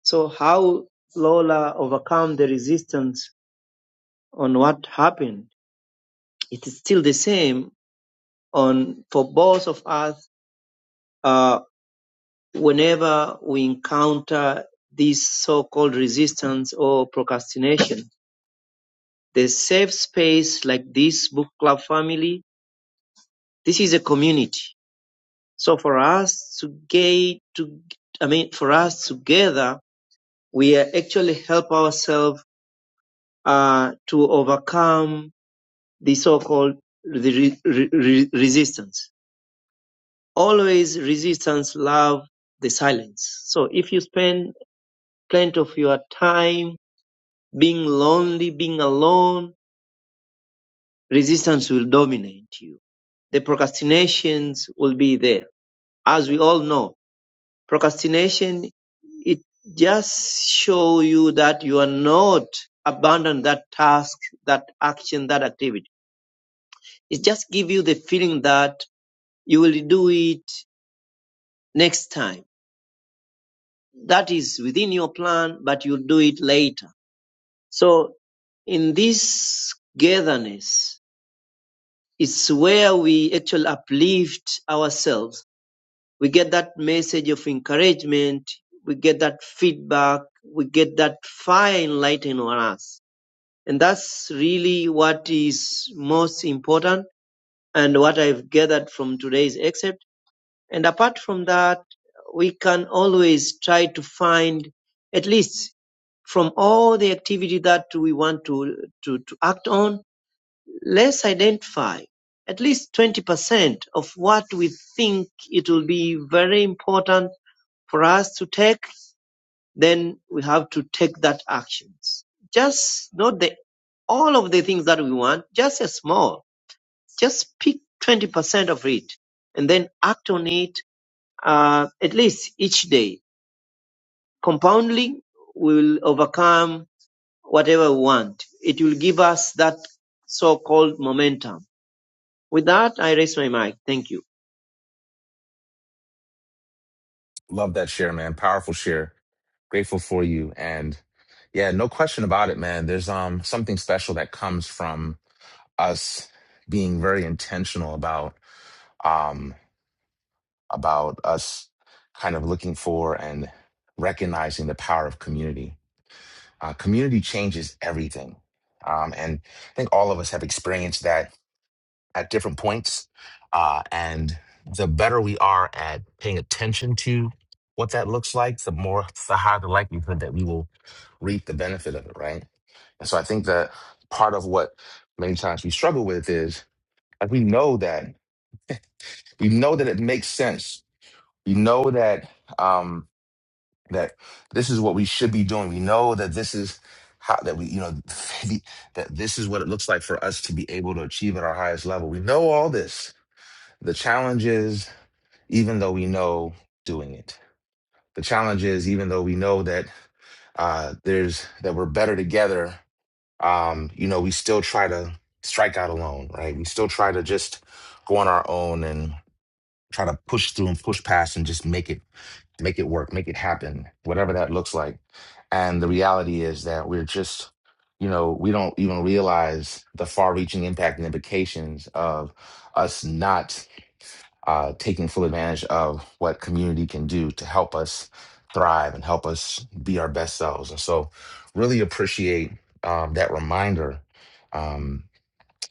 Speaker 13: So how Lola overcome the resistance on what happened? It is still the same on for both of us. Uh, whenever we encounter this so-called resistance or procrastination, the safe space like this book club family, this is a community So for us to get to, I mean, for us together, we actually help ourselves uh, to overcome the so-called the re- re- resistance. Always resistance love the silence. So if you spend plenty of your time being lonely, being alone, resistance will dominate you. The procrastinations will be there. As we all know, Procrastination, it just show you that you are not abandon that task, that action, that activity. It just give you the feeling that you will do it next time. That is within your plan, but you'll do it later. So in this gatherness, it's where we actually uplift ourselves we get that message of encouragement, we get that feedback, we get that fire enlightened on us. And that's really what is most important and what I've gathered from today's excerpt. And apart from that, we can always try to find at least from all the activity that we want to, to, to act on, Let's identify at least twenty percent of what we think it will be very important for us to take, then we have to take that actions. Just not the all of the things that we want, just a small. Just pick twenty percent of it, and then act on it uh, at least each day. Compounding will overcome whatever we want. It will give us that so-called momentum With that I raise my mic. Thank you.
Speaker 1: Love that share, man. Powerful share. Grateful for you. And yeah, no question about it, man. There's um something special that comes from us being very intentional about um. about us kind of looking for and recognizing the power of community. Uh, community changes everything. Um, and I think all of us have experienced that at different points. Uh, and the better we are at paying attention to what that looks like, the more, the higher the likelihood that we will reap the benefit of it, right? And so I think that part of what many times we struggle with is like we know that, we know that it makes sense. We know that um, that this is what we should be doing. We know that this is how that we, you know, that this is what it looks like for us to be able to achieve at our highest level. We know all this. The challenge is, even though we know doing it, the challenge is, even though we know that uh, there's that we're better together, um, you know, we still try to strike out alone, right? We still try to just go on our own and try to push through and push past and just make it make it work, make it happen, whatever that looks like. And the reality is that we're just, you know, we don't even realize the far reaching impact and implications of us not uh, taking full advantage of what community can do to help us thrive and help us be our best selves. And so, really appreciate um, that reminder. Um,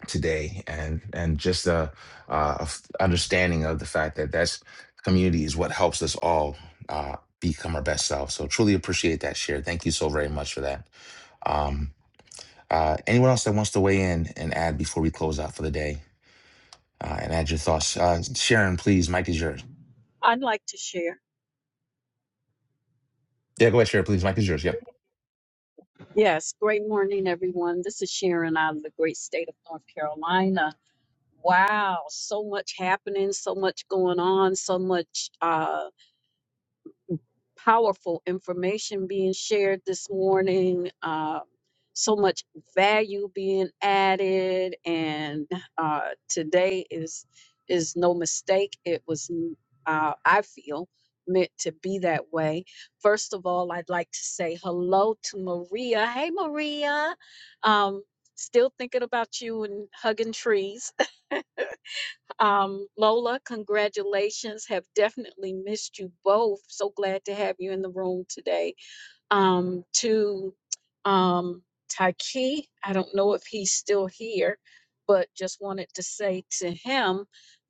Speaker 1: today and and just a, uh, a f- understanding of the fact that that's community is what helps us all uh, become our best self. so truly appreciate that share thank you so very much for that um, uh, anyone else that wants to weigh in and add before we close out for the day uh, and add your thoughts uh, sharon please mike is yours
Speaker 7: I'd like to share.
Speaker 1: yeah go ahead sharon please mike is yours yep
Speaker 7: Yes, great morning, everyone. This is Sharon out of the great state of North Carolina. Wow, so much happening, so much going on, so much. Uh, powerful information being shared this morning, uh, so much value being added, and uh, today is is no mistake. It was, m- uh, I feel, meant to be that way. First of all, I'd like to say hello to Maria. Hey, Maria. Um, still thinking about you and hugging trees. Um, Lola, congratulations. Have definitely missed you both. So glad to have you in the room today. Um, to um, Taiki, I don't know if he's still here, but just wanted to say to him,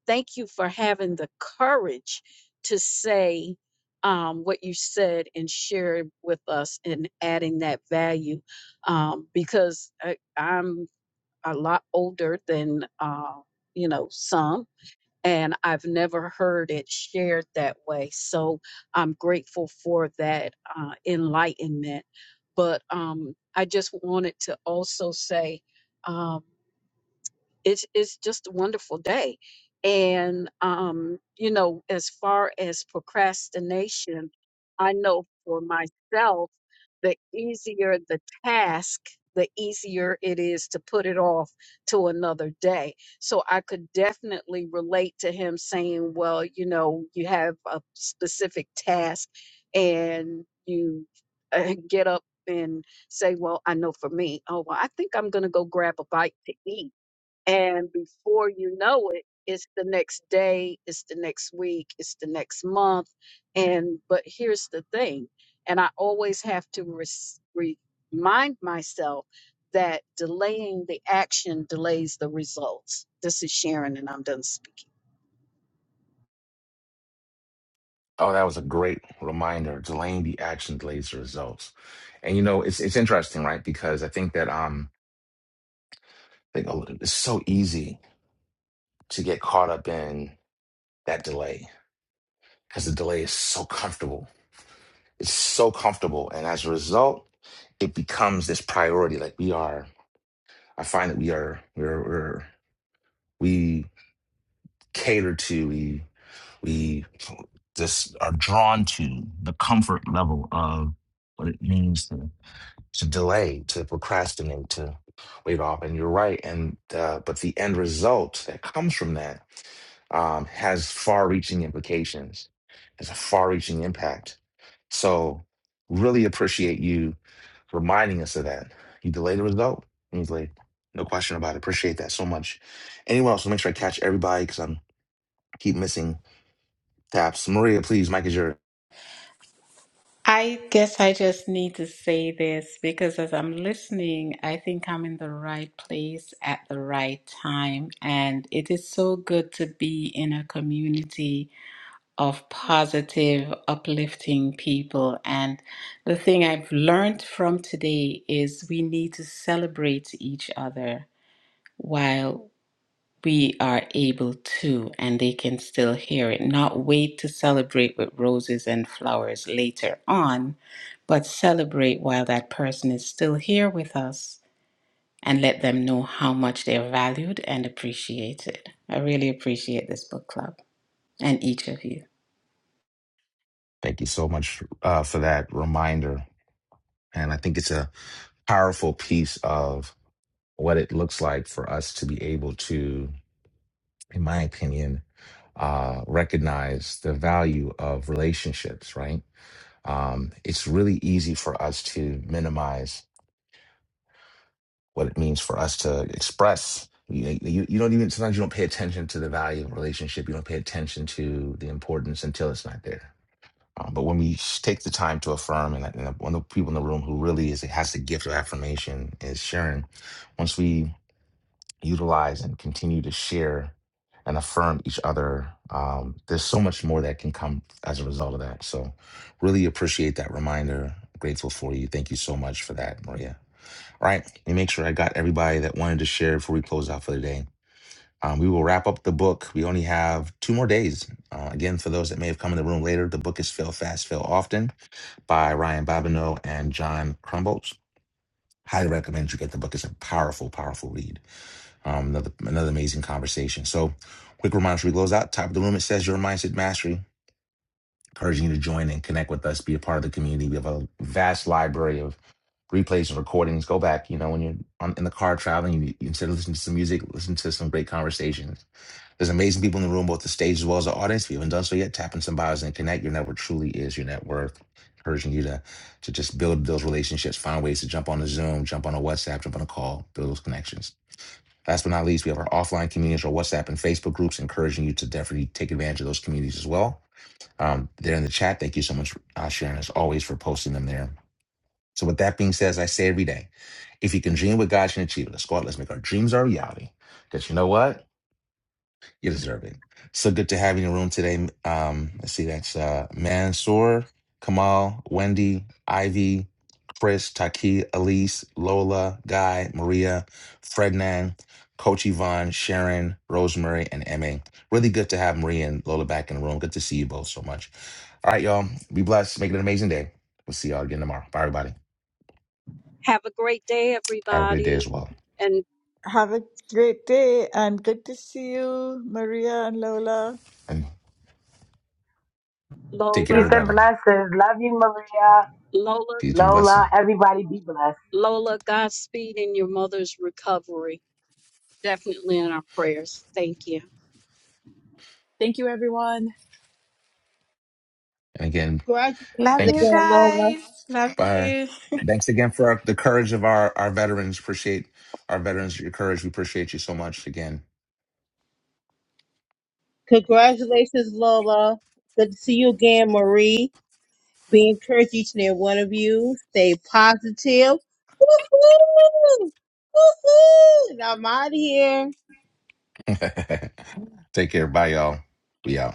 Speaker 7: thank you for having the courage to say um, what you said and share it with us and adding that value um, because I, I'm a lot older than, uh, you know, some and I've never heard it shared that way. So I'm grateful for that uh, enlightenment. But um, I just wanted to also say, um, it's it's just a wonderful day and um you know as far as procrastination i know for myself the easier the task the easier it is to put it off to another day so i could definitely relate to him saying well you know you have a specific task and you uh, get up and say well i know for me oh well i think i'm going to go grab a bite to eat and before you know it, it's the next day, it's the next week, it's the next month. And but here's the thing, and I always have to res- remind myself that delaying the action delays the results. This is Sharon, and I'm done speaking.
Speaker 1: oh that was a great reminder delaying the action delays the results and you know it's it's interesting right because i think that um like, oh, it's so easy to get caught up in that delay because the delay is so comfortable. It's so comfortable. And as a result, it becomes this priority. Like we are, I find that we are, we're, we're we cater to, we, we just are drawn to the comfort level of what it means to. to delay, to procrastinate, to wave off. And you're right. And uh, but the end result that comes from that um, has far-reaching implications. Has a far-reaching impact. So really appreciate you reminding us of that. You delay the result. and You delay. No question about it. Appreciate that so much. Anyone else? Make sure I catch everybody because I'm keep missing taps. Maria, please. Mike is your.
Speaker 11: I guess I just need to say this because as I'm listening, I think I'm in the right place at the right time. And it is so good to be in a community of positive, uplifting people. And the thing I've learned from today is we need to celebrate each other. while we are able to, and they can still hear it. Not wait to celebrate with roses and flowers later on, but celebrate while that person is still here with us and let them know how much they're valued and appreciated. I really appreciate this book club and each of you.
Speaker 1: Thank you so much uh, for that reminder. And I think it's a powerful piece of. what it looks like for us to be able to, in my opinion, uh, recognize the value of relationships, right? Um, it's really easy for us to minimize what it means for us to express. You, you, you don't even, sometimes you don't pay attention to the value of a relationship. You don't pay attention to the importance until it's not there. Um, but when we take the time to affirm, and, and one of the people in the room who really is has the gift of affirmation is Sharon. Once we utilize and continue to share and affirm each other. Um, there's so much more that can come as a result of that. So, really appreciate that reminder. Grateful for you. Thank you so much for that, Maria. All right, let me make sure I got everybody that wanted to share before we close out for the day. Um, we will wrap up the book. We only have two more days. Uh, again, for those that may have come in the room later, the book is Fail Fast, Fail Often by Ryan Babineau and John Crumbolt. Highly recommend you get the book. It's a powerful, powerful read. Um, another another amazing conversation. So, quick reminder: as we close out top of the room. It says your mindset mastery, encouraging you to join and connect with us, be a part of the community. We have a vast library of replays and recordings. Go back, you know, when you're on, in the car traveling, you, you instead of listening to some music, listen to some great conversations. There's amazing people in the room, both the stage as well as the audience. If you haven't done so yet, tap in some bios and connect. Your network truly is your net worth. Encouraging you to to just build those relationships, find ways to jump on a Zoom, jump on a WhatsApp, jump on a call, build those connections. Last but not least, we have our offline communities, our WhatsApp and Facebook groups, encouraging you to definitely take advantage of those communities as well. Um, they're in the chat. Thank you so much, uh, Sharon, as always, for posting them there. So, with that being said, as I say every day, if you can dream what God can achieve, let's go out, let's make our dreams our reality. Because you know what? You deserve it. So good to have you in the room today. Um, let's see, that's uh, Mansoor, Kamal, Wendy, Ivy, Chris, Taki, Elise, Lola, Guy, Maria, Frednan, Coach Yvonne, Sharon, Rosemary, and Emma. Really good to have Maria and Lola back in the room. Good to see you both so much. All right, y'all. Be blessed. Make it an amazing day. We'll see y'all again tomorrow. Bye, everybody.
Speaker 7: Have a great day,
Speaker 1: Have a great day as
Speaker 7: everybody.
Speaker 1: well.
Speaker 7: And
Speaker 6: Have a great day and good to see you, Maria and Lola.
Speaker 1: And take care,
Speaker 10: Peace
Speaker 7: Lola,
Speaker 10: and
Speaker 1: everybody.
Speaker 10: blessings. Love you, Maria.
Speaker 7: Lola,
Speaker 1: Peace and blessing.
Speaker 10: Lola, everybody be blessed.
Speaker 7: Lola, Godspeed in your mother's recovery. Definitely in our prayers. Thank you.
Speaker 12: Thank you, everyone.
Speaker 1: And again,
Speaker 3: Congratulations
Speaker 11: Love
Speaker 1: thank you.
Speaker 11: you
Speaker 3: again, Lola.
Speaker 11: guys. Love
Speaker 1: Bye.
Speaker 11: you.
Speaker 1: Thanks again for our, the courage of our, our veterans. Appreciate our veterans, your courage. We appreciate you so much again.
Speaker 3: Congratulations, Lola. Good to see you again, Marie. Be encouraged, each and every one of you. Stay positive. Woohoo! Woohoo! And I'm out of here.
Speaker 1: Take care. Bye, y'all. We out.